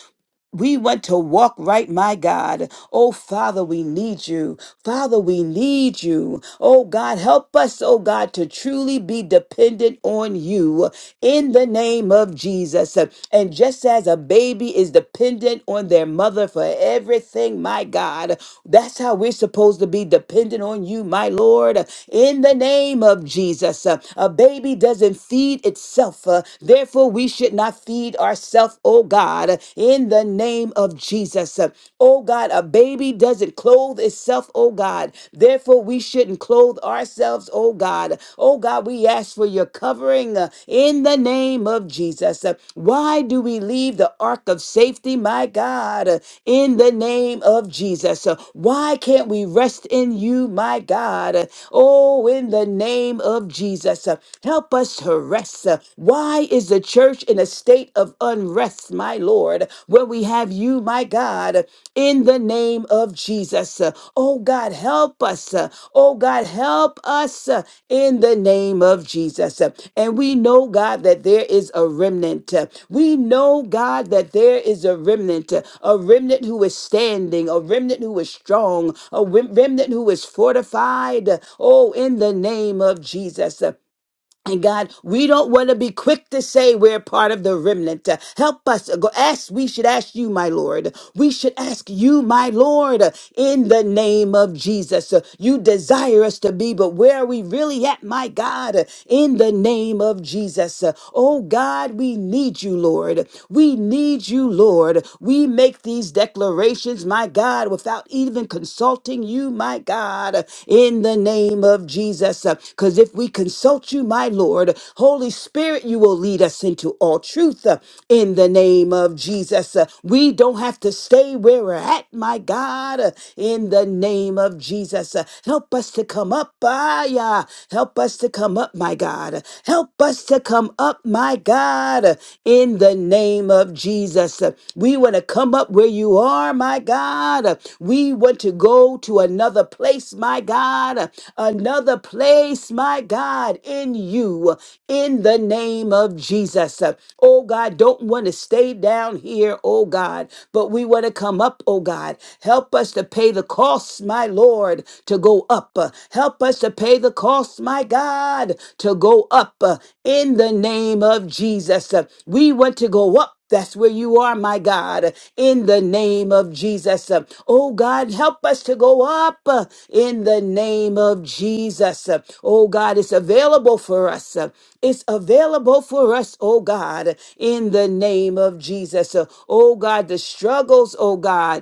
Speaker 4: We want to walk right, my God. Oh, Father, we need you. Father, we need you. Oh, God, help us, oh, God, to truly be dependent on you in the name of Jesus. And just as a baby is dependent on their mother for everything, my God, that's how we're supposed to be dependent on you, my Lord, in the name of Jesus. A baby doesn't feed itself, uh, therefore, we should not feed ourselves, oh God, in the name of Jesus. Oh God, a baby doesn't clothe itself, oh God, therefore, we shouldn't and clothe ourselves, oh God. Oh God, we ask for your covering uh, in the name of Jesus. Uh, Why do we leave the ark of safety, my God, uh, in the name of Jesus? Uh, Why can't we rest in you, my God? Uh, Oh, in the name of Jesus, uh, help us to rest. Uh, Why is the church in a state of unrest, my Lord, when we have you, my God? in the name of Jesus. Uh, Oh God, help us. Uh, Oh God, help us uh, in the name of Jesus. Uh, And we know, God, that there is a remnant. Uh, We know, God, that there is a remnant, uh, a remnant who is standing, a remnant who is strong, a rem- remnant who is fortified. Uh, Oh, in the name of Jesus. And God, we don't want to be quick to say we're part of the remnant. Uh, Help us. uh, Go ask. We should ask you, my Lord. We should ask you, my Lord, uh, in the name of Jesus. Uh, You desire us to be, but where are we really at, my God? Uh, In the name of Jesus. Uh, Oh God, we need you, Lord. We need you, Lord. We make these declarations, my God, without even consulting you, my God, in the name of Jesus. Because if we consult you, my Lord, Holy Spirit, you will lead us into all truth uh, in the name of Jesus. Uh, We don't have to stay where we're at, my God, uh, in the name of Jesus. Uh, Help us to come up, ah, yeah. Help us to come up, my God. Help us to come up, my God, uh, in the name of Jesus. Uh, We want to come up where you are, my God. Uh, We want to go to another place, my God. Uh, Another place, my God, in you, uh, in the name of Jesus. Uh, Oh God, don't want to stay down here, oh God, but we want to come up, oh God. Help us to pay the costs, my Lord, to go up. Uh, Help us to pay the cost cost, my God, to go up uh, in the name of Jesus. Uh, We want to go up. That's where you are, my God, in the name of Jesus. Uh, Oh God, help us to go up uh, in the name of Jesus. Uh, Oh God, it's available for us. Uh, It's available for us, oh God, in the name of Jesus. Uh, Oh God, the struggles, oh God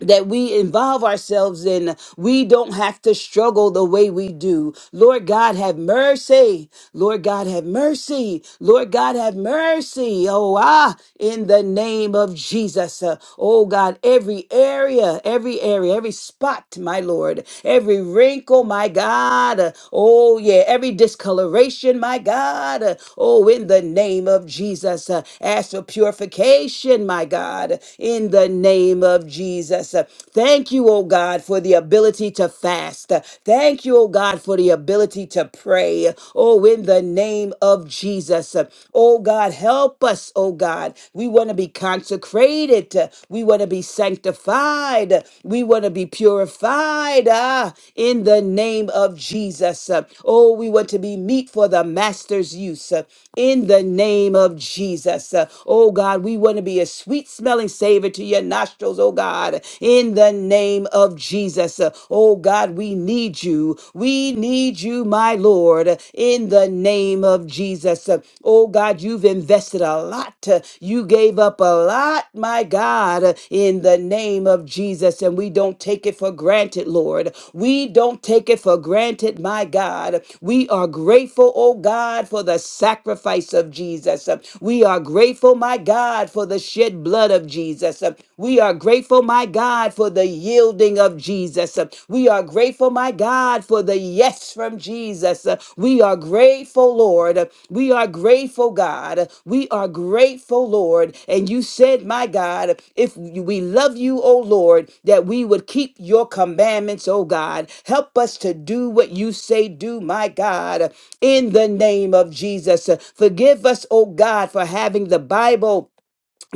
Speaker 4: that we involve ourselves in. We don't have to struggle the way we do. Lord God, have mercy. Lord God, have mercy. Lord God, have mercy. Oh, ah, in the name of Jesus. Uh, oh, God, every area, every area, every spot, my Lord, every wrinkle, my God. Uh, oh, yeah, every discoloration, my God. Uh, oh, in the name of Jesus. Uh, ask for purification, my God, in the name of Jesus. Uh, thank you, oh, God, for the ability to fast. Uh, Thank you, oh, God, for the ability to pray. Oh, in the name of Jesus. Oh, God, help us, oh God. We want to be consecrated. We want to be sanctified. We want to be purified. Ah, in the name of Jesus. Oh, we want to be meat for the master's use. In the name of Jesus. Oh, God, we want to be a sweet smelling savor to your nostrils, oh God. In the name of Jesus. Jesus. Uh, Oh God, we need you. We need you, my Lord, uh, in the name of Jesus. Uh, Oh God, you've invested a lot. Uh, You gave up a lot, my God, uh, in the name of Jesus. And we don't take it for granted, Lord. We don't take it for granted, my God. We are grateful, oh God, for the sacrifice of Jesus. Uh, We are grateful, my God, for the shed blood of Jesus. Uh, We are are grateful, my God, for the yielding of Jesus. Uh, We are grateful, my God, for the yes from Jesus. Uh, We are grateful, Lord. Uh, We are grateful, God. Uh, We are grateful, Lord. And you said, my God, if we love you, O Lord, that we would keep your commandments, O God. Help us to do what you say, do, my God, in the name of Jesus. Uh, Forgive us, O God, for having the Bible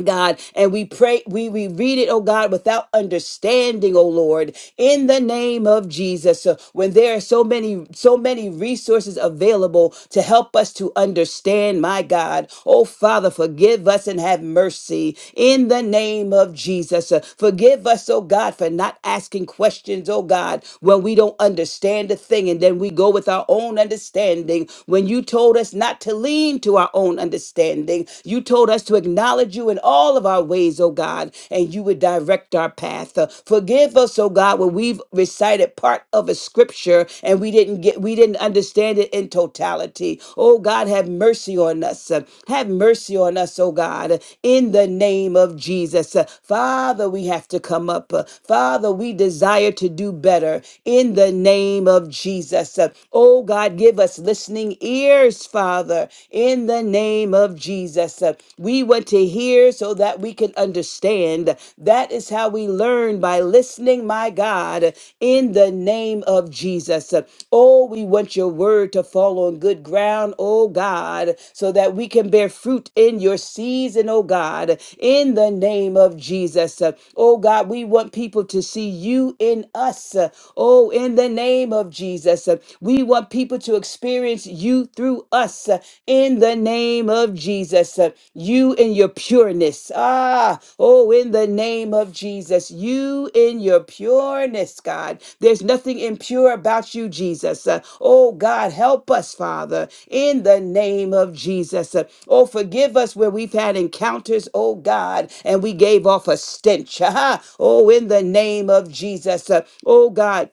Speaker 4: God, and we pray, we, we read it, oh God, without understanding, oh Lord, in the name of Jesus. So when there are so many, so many resources available to help us to understand, my God, oh Father, forgive us and have mercy in the name of Jesus. Uh, Forgive us, oh God, for not asking questions, oh God, when we don't understand a thing and then we go with our own understanding when you told us not to lean to our own understanding understanding. You told us to acknowledge you in all of our ways, oh God, and you would direct our path. Uh, Forgive us, oh God, when we've recited part of a scripture and we didn't get we didn't understand it in totality. Oh God, have mercy on us. Uh, Have mercy on us, oh God, in the name of Jesus. Uh, Father, we have to come up. Uh, Father, we desire to do better in the name of Jesus. Uh, Oh God, give us listening ears ears, Father, in the name of Jesus. Uh, We want to hear so that we can understand. That is how we learn by listening, my God, in the name of Jesus. Uh, Oh, we want your word to fall on good ground, oh God, so that we can bear fruit in your season, oh God, in the name of Jesus. Uh, Oh God, we want people to see you in us, uh, oh, in the name of Jesus. Uh, we want people to experience you through us uh, in the name of Jesus. uh, You in your pureness. Ah, oh, in the name of Jesus. You in your pureness, God. There's nothing impure about you, Jesus. Uh, Oh, God, help us, Father, in the name of Jesus. Uh, Oh, forgive us where we've had encounters, oh, God, and we gave off a stench. Ah, oh, in the name of Jesus. Uh, Oh, God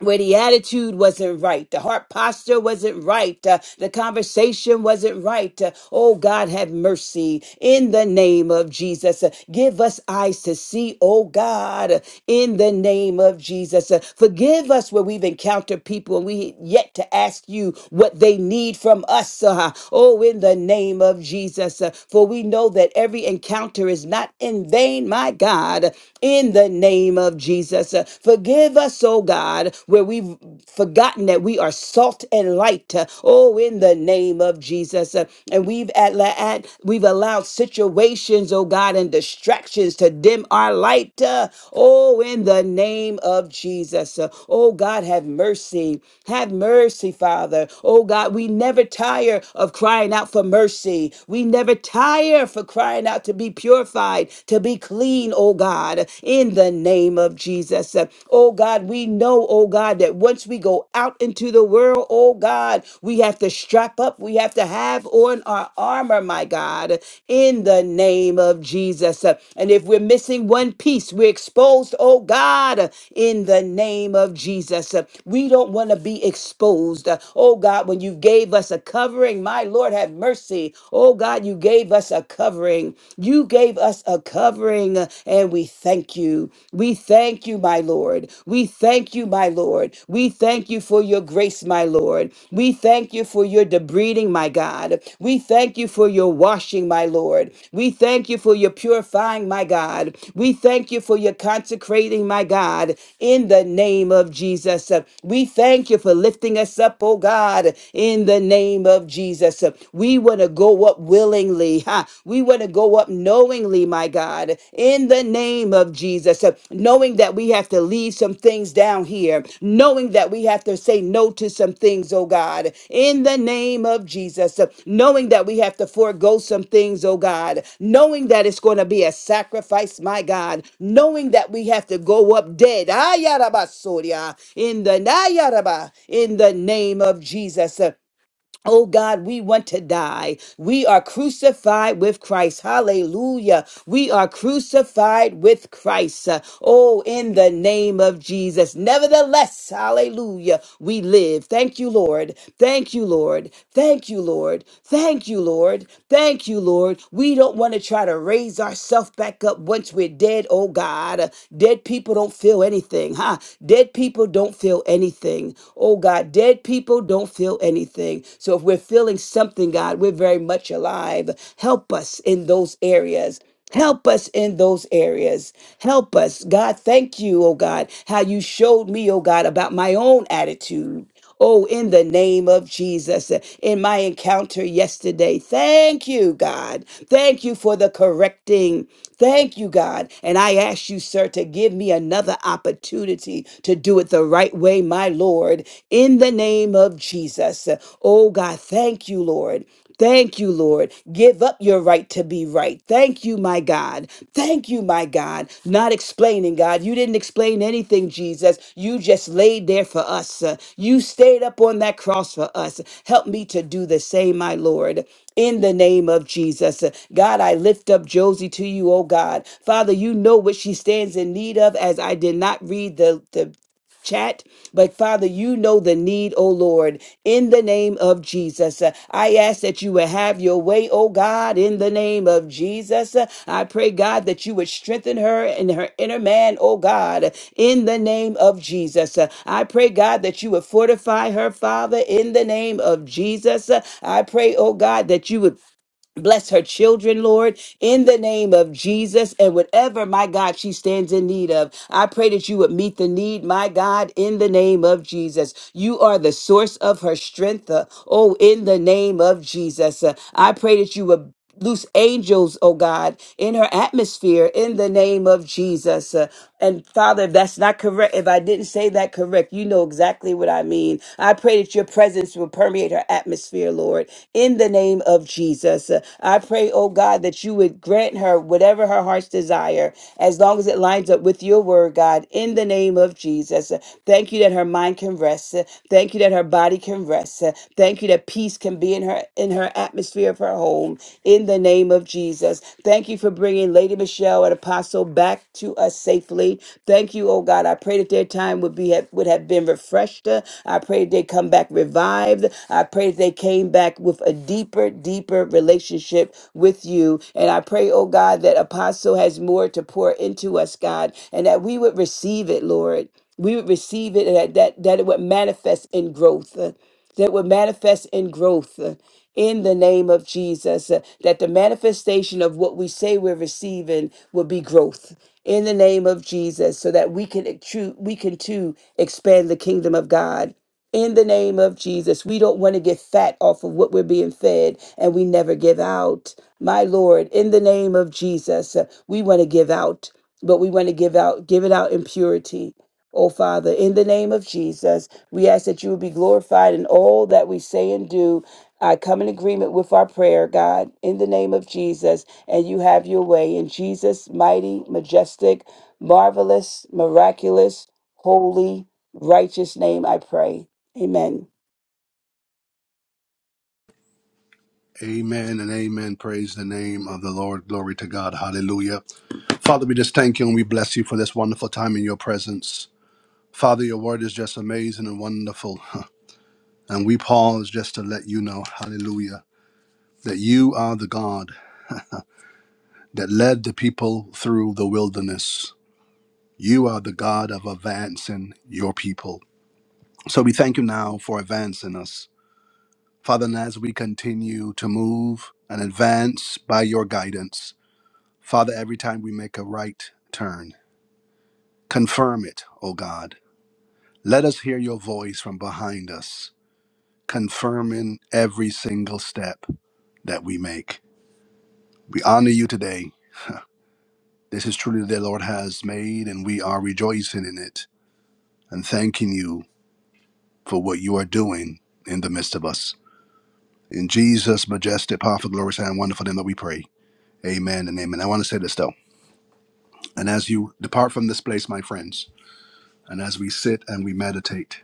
Speaker 4: where the attitude wasn't right, the heart posture wasn't right, uh, the conversation wasn't right. Uh, oh, God, have mercy in the name of Jesus. Uh, give us eyes to see, oh God, uh, in the name of Jesus. Uh, forgive us where we've encountered people and we yet to ask you what they need from us. Uh, oh, in the name of Jesus. Uh, for we know that every encounter is not in vain, my God, in the name of Jesus. Jesus. Uh, Forgive us, oh God, where we've forgotten that we are salt and light. Uh, Oh, in the name of Jesus. Uh, And we've at, at we've allowed situations, oh God, and distractions to dim our light. Uh, Oh, in the name of Jesus. Uh, Oh God, have mercy. Have mercy, Father. Oh God, we never tire of crying out for mercy. We never tire for crying out to be purified, to be clean seen, oh God, in the name of Jesus. Oh God, we know, oh God, that once we go out into the world, oh God, we have to strap up. We have to have on our armor, my God, in the name of Jesus. And if we're missing one piece, we're exposed, oh God, in the name of Jesus. We don't want to be exposed. Oh God, when you gave us a covering, my Lord, have mercy. Oh God, you gave us a covering covering. You gave us a covering, and we thank you. We thank you, my Lord. We thank you, my Lord. We thank you for your grace, my Lord. We thank you for your debreeding, my God. We thank you for your washing, my Lord. We thank you for your purifying, my God. We thank you for your consecrating, my God, in the name of Jesus. We thank you for lifting us up, oh God, in the name of Jesus. We will want to go up willingly. Ha. We want to go up knowingly, my God, in the name of Jesus, Uh, knowing that we have to leave some things down here, knowing that we have to say no to some things, oh God, in the name of Jesus, Uh, knowing that we have to forego some things, oh God, knowing that it's going to be a sacrifice, my God, knowing that we have to go up dead. Ayarabasoria, In the Nayaraba, in the name of Jesus. So, Oh God, we want to die. We are crucified with Christ. Hallelujah. We are crucified with Christ. Uh, Oh, in the name of Jesus. Nevertheless, hallelujah, we live. Thank you, Lord. Thank you, Lord. Thank you, Lord. Thank you, Lord. Thank you, Lord. We don't want to try to raise ourselves back up once we're dead. Oh God, Uh, dead people don't feel anything, huh? Dead people don't feel anything. Oh God, dead people People don't feel anything. So if we're feeling something, God, we're very much alive. Help us in those areas. Help us in those areas. Help us. God, thank you, oh God, how you showed me, oh God, about my own attitude. Oh, in the name of Jesus, uh, in my encounter yesterday, thank you, God. Thank you for the correcting. Thank you, God. And I ask you, sir, to give me another opportunity to do it the right way, my Lord. Lord, in the name of Jesus. Oh God, thank you, Lord. Thank you, Lord. Give up your right to be right. Thank you, my God. Thank you, my God. Not explaining, God. You didn't explain anything, Jesus. You just laid there for us. You stayed up on that cross for us. Help me to do the same, my Lord in the name of Jesus. God, I lift up Josie to you, oh God. Father, you know what she stands in need of as I did not read the, the chat but Father, you know the need, O Lord, in the name of Jesus. Uh, I ask that you would have your way, O God, in the name of Jesus. Uh, I pray, God, that you would strengthen her and her inner man, O God, in the name of Jesus. Uh, I pray, God, that you would fortify her, Father, in the name of Jesus. Uh, I pray, O God, that you would Bless her children, Lord, in the name of Jesus. And whatever, my God, she stands in need of, I pray that you would meet the need, my God, in the name of Jesus. You are the source of her strength. uh, oh, in the name of Jesus. Uh, I pray that you would loose angels, oh God, in her atmosphere in the name of Jesus. Uh, and Father, if that's not correct, if I didn't say that correct, you know exactly what I mean. I pray that your presence will permeate her atmosphere, Lord, in the name of Jesus. Uh, I pray, oh God, that you would grant her whatever her heart's desire, as long as it lines up with your word, God, in the name of Jesus. Uh, Thank you that her mind can rest. Uh, Thank you that her body can rest. Uh, Thank you that peace can be in her her in her atmosphere of her home in the name of Jesus. Thank you for bringing Lady Michelle and Apostle back to us safely. Thank you, oh God. I pray that their time would be would have been refreshed. I pray that they come back revived. I pray that they came back with a deeper, deeper relationship with you. And I pray, oh God, that Apostle has more to pour into us, God, and that we would receive it, Lord. We would receive it and that, that, that it would manifest in growth that would manifest in growth uh, in the name of Jesus, uh, that the manifestation of what we say we're receiving will be growth in the name of Jesus so that we can ex- we can too expand the kingdom of God. In the name of Jesus, we don't want to get fat off of what we're being fed and we never give out. My Lord, in the name of Jesus, uh, we want to give out, but we want to give out, give it out in purity Oh, Father, in the name of Jesus, we ask that you will be glorified in all that we say and do. I come in agreement with our prayer, God, in the name of Jesus, and you have your way. In Jesus' mighty, majestic, marvelous, miraculous, holy, righteous name, I pray. Amen.
Speaker 1: Amen and amen. Praise the name of the Lord. Glory to God. Hallelujah. Father, we just thank you and we bless you for this wonderful time in your presence. Father, your word is just amazing and wonderful. And we pause just to let you know, hallelujah, that you are the God that led the people through the wilderness. You are the God of advancing your people. So we thank you now for advancing us. Father, and as we continue to move and advance by your guidance, Father, every time we make a right turn, confirm it, O God. Let us hear your voice from behind us, confirming every single step that we make. We honor you today. This is truly the day the Lord has made, and we are rejoicing in it and thanking you for what you are doing in the midst of us. In Jesus' majestic, powerful, glorious, and wonderful name that we pray. Amen and amen. I want to say this though. And as you depart from this place, my friends, and as we sit and we meditate,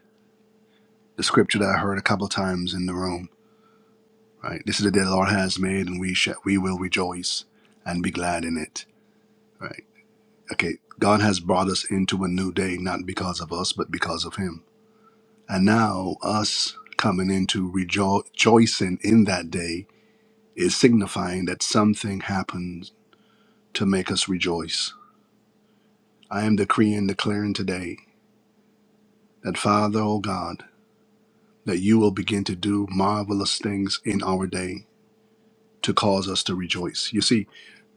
Speaker 1: the scripture that I heard a couple times in the room, right? This is the day the Lord has made, and we shall, we will rejoice and be glad in it, right? Okay, God has brought us into a new day, not because of us, but because of Him. And now, us coming into rejo- rejoicing in that day is signifying that something happened to make us rejoice. I am decreeing, declaring today that Father, O God, that you will begin to do marvelous things in our day to cause us to rejoice. You see,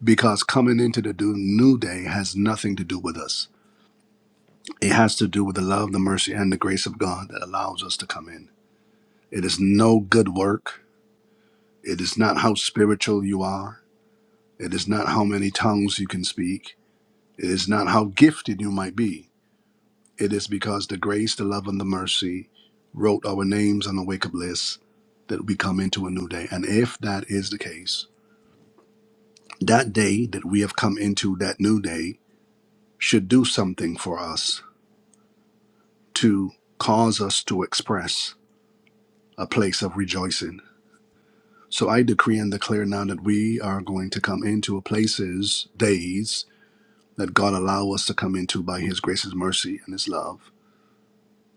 Speaker 1: because coming into the do- new day has nothing to do with us. It has to do with the love, the mercy, and the grace of God that allows us to come in. It is no good work. It is not how spiritual you are. It is not how many tongues you can speak. It is not how gifted you might be. It is because the grace, the love, and the mercy wrote our names on the wake up list that we come into a new day. And if that is the case, that day that we have come into that new day should do something for us to cause us to express a place of rejoicing. So I decree and declare now that we are going to come into places, days that God allow us to come into by his grace, his mercy, and his love.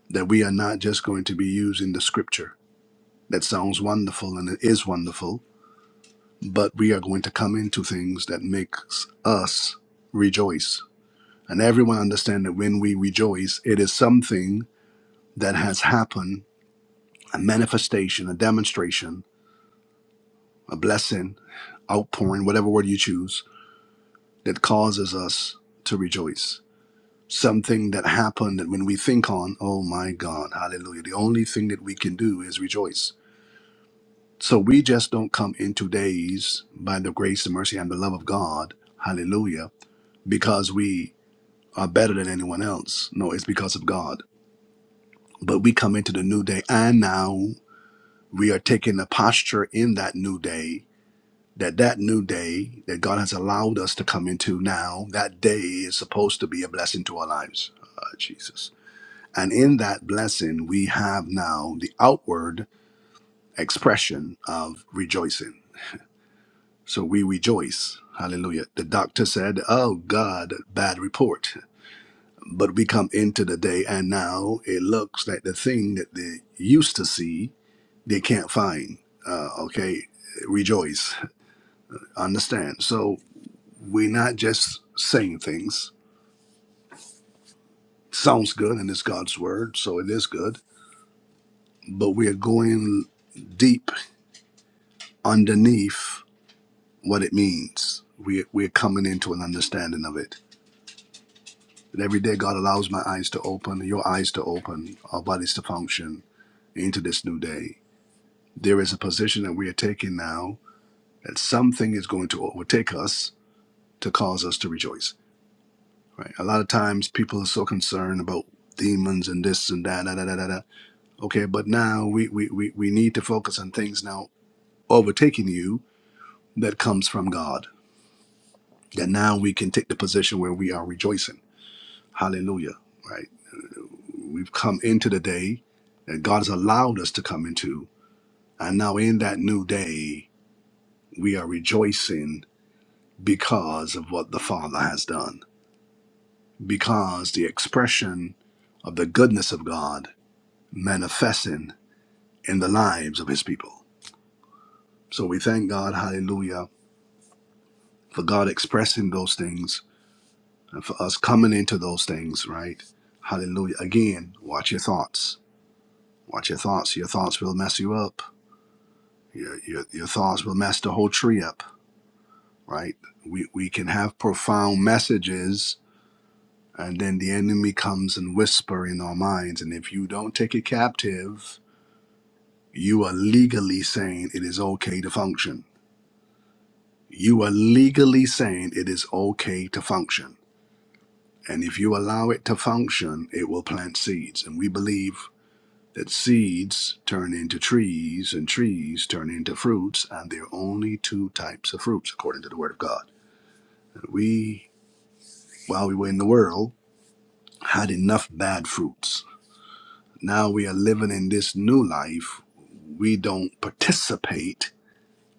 Speaker 1: That we are not just going to be using the scripture That sounds wonderful and it is wonderful, but we are going to come into things that makes us rejoice. And everyone understand that when we rejoice, it is something that has happened, a manifestation, a demonstration, a blessing, outpouring, whatever word you choose, that causes us to rejoice. Something that happened that when we think on, oh my God, hallelujah, the only thing that we can do is rejoice So we just don't come into days by the grace and mercy and the love of God, hallelujah, because we are better than anyone else. No, it's because of God. But we come into the new day and now we are taking a posture in that new day that that new day that God has allowed us to come into now, that day is supposed to be a blessing to our lives. Uh, Jesus. And in that blessing, we have now the outward expression of rejoicing So we rejoice. Hallelujah. The doctor said, Oh God, bad report. But we come into the day and now it looks like the thing that they used to see, they can't find. Uh, okay. Rejoice. Understand. So we're not just saying things. Sounds good and it's God's word, so it is good. But we're going deep underneath what it means. We, we're coming into an understanding of it. That every day, God allows my eyes to open, your eyes to open, our bodies to function into this new day. There is a position that we are taking now that something is going to overtake us to cause us to rejoice. Right? A lot of times, people are so concerned about demons and this and that, da, da, da, da, da. Okay, but now we, we, we, we need to focus on things now overtaking you that comes from God. That now we can take the position where we are rejoicing. Hallelujah. Right? We've come into the day that God has allowed us to come into. And now, in that new day, we are rejoicing because of what the Father has done, because the expression of the goodness of God manifesting in the lives of His people. So we thank God, hallelujah, for God expressing those things and for us coming into those things, right? Hallelujah. Again, watch your thoughts. Watch your thoughts. Your thoughts will mess you up. Your, your, your thoughts will mess the whole tree up, right? We, we can have profound messages, and then the enemy comes and whisper in our minds. And if you don't take it captive, you are legally saying it is okay to function. You are legally saying it is okay to function. And if you allow it to function, it will plant seeds. And we believe that seeds turn into trees and trees turn into fruits, and there are only two types of fruits according to the Word of God. We, while we were in the world, had enough bad fruits. Now we are living in this new life. We don't participate,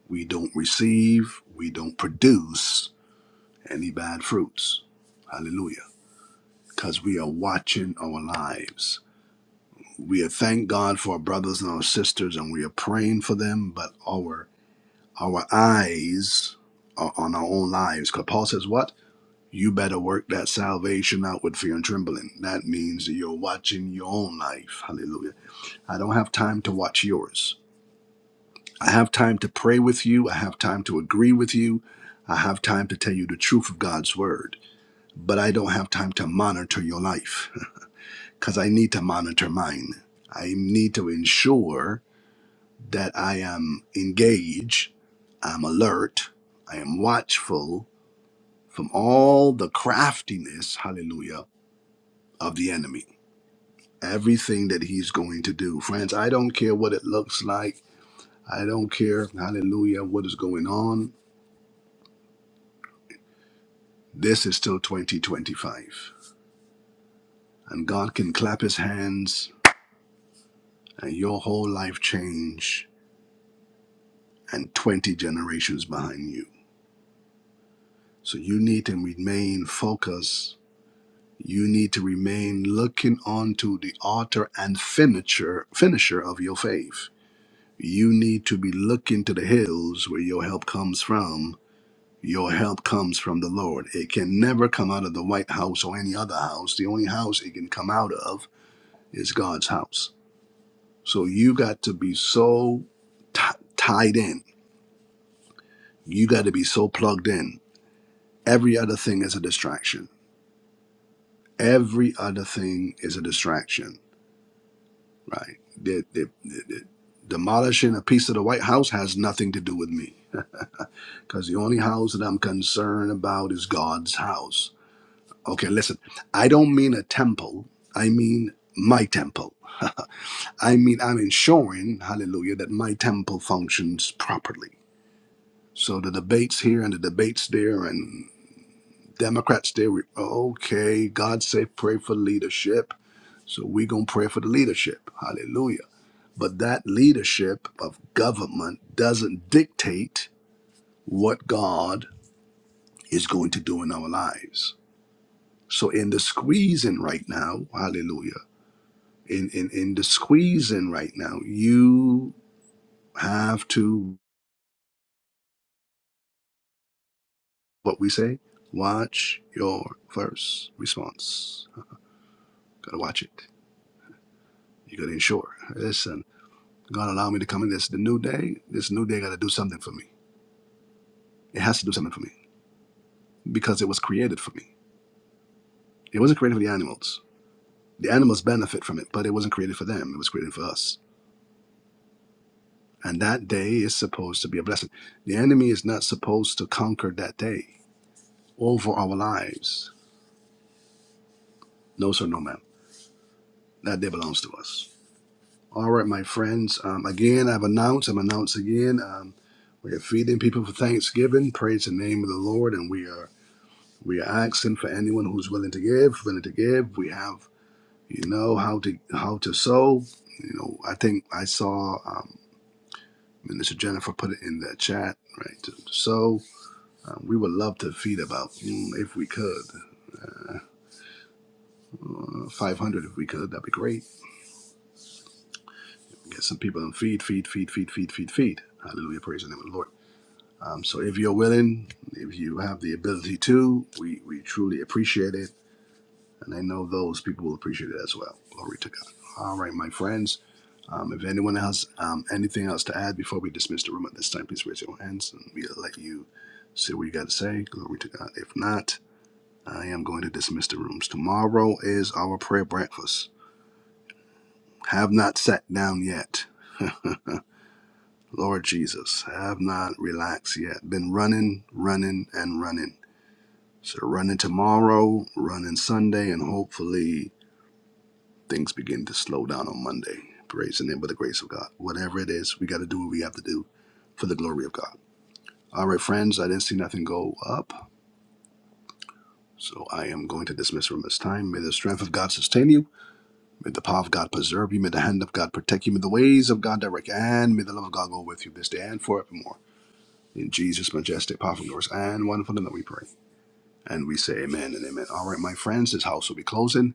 Speaker 1: we don't receive, we don't produce any bad fruits. Hallelujah. Because we are watching our lives. We are thank God for our brothers and our sisters and we are praying for them, but our our eyes are on our own lives. Because Paul says what? You better work that salvation out with fear and trembling. That means that you're watching your own life. Hallelujah. I don't have time to watch yours. I have time to pray with you. I have time to agree with you. I have time to tell you the truth of God's word. But I don't have time to monitor your life because I need to monitor mine. I need to ensure that I am engaged, I'm alert, I am watchful from all the craftiness, hallelujah, of the enemy. everything that he's going to do. Friends, I don't care what it looks like. I don't care, hallelujah, what is going on. This is still 2025. And God can clap his hands and your whole life change and 20 generations behind you. So you need to remain focused. You need to remain looking onto the author and finisher finisher of your faith. You need to be looking to the hills where your help comes from Your help comes from the Lord. It can never come out of the White House or any other house. The only house it can come out of is God's house. So you got to be so t- tied in. You got to be so plugged in. Every other thing is a distraction. Every other thing is a distraction, right? The, the, the, the demolishing a piece of the White House has nothing to do with me because the only house that I'm concerned about is God's house. Okay, listen. I don't mean a temple. I mean my temple. I mean I'm ensuring, hallelujah, that my temple functions properly. So the debates here and the debates there and Democrats there, we, okay, God said pray for leadership. So we going to pray for the leadership. Hallelujah. But that leadership of government doesn't dictate what God is going to do in our lives. So in the squeezing right now, hallelujah. in in in the squeezing right now you have to what we say watch your first response gotta watch it you gotta ensure listen god allow me to come in this the new day this new day gotta do something for me it has to do something for me because it was created for me it wasn't created for the animals the animals benefit from it but it wasn't created for them it was created for us and that day is supposed to be a blessing the enemy is not supposed to conquer that day over our lives no sir no ma'am that day belongs to us. All right, my friends. Um, again, I've announced, I'm announced again. Um, we are feeding people for Thanksgiving. Praise the name of the Lord, and we are we are asking for anyone who's willing to give, willing to give. We have, you know, how to how to sow. You know, I think I saw um, Minister Jennifer put it in the chat, right? To, to sow. Um, we would love to feed about mm, if we could, uh, 500 if we could. That'd be great. Get some people and feed, feed, feed, feed, feed, feed, feed. Hallelujah! Praise the name of the Lord. Um, so if you're willing, if you have the ability to, we, we truly appreciate it. And I know those people will appreciate it as well. Glory to God. All right, my friends. Um, if anyone has um, anything else to add before we dismiss the room at this time, please raise your hands and we'll let you say what you got to say. Glory to God. If not, I am going to dismiss the rooms. Tomorrow is our prayer breakfast. Have not sat down yet. Lord Jesus, have not relaxed yet. Been running, running, and running So they're running tomorrow, running Sunday, and hopefully things begin to slow down on Monday. Praise the name of the grace of God. Whatever it is, we got to do what we have to do for the glory of God. All right, friends, I didn't see nothing go up. So I am going to dismiss from this time. May the strength of God sustain you. May the power of God preserve you. May the hand of God protect you. May the ways of God direct you. And may the love of God go with you this day and forevermore. In Jesus' majestic, powerful, glorious, and wonderful name that we pray. And we say amen and amen. All right, my friends, this house will be closing.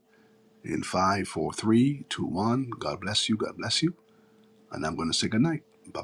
Speaker 1: in five, four, three, two, one. God bless you. God bless you. And I'm going to say good night. Bye.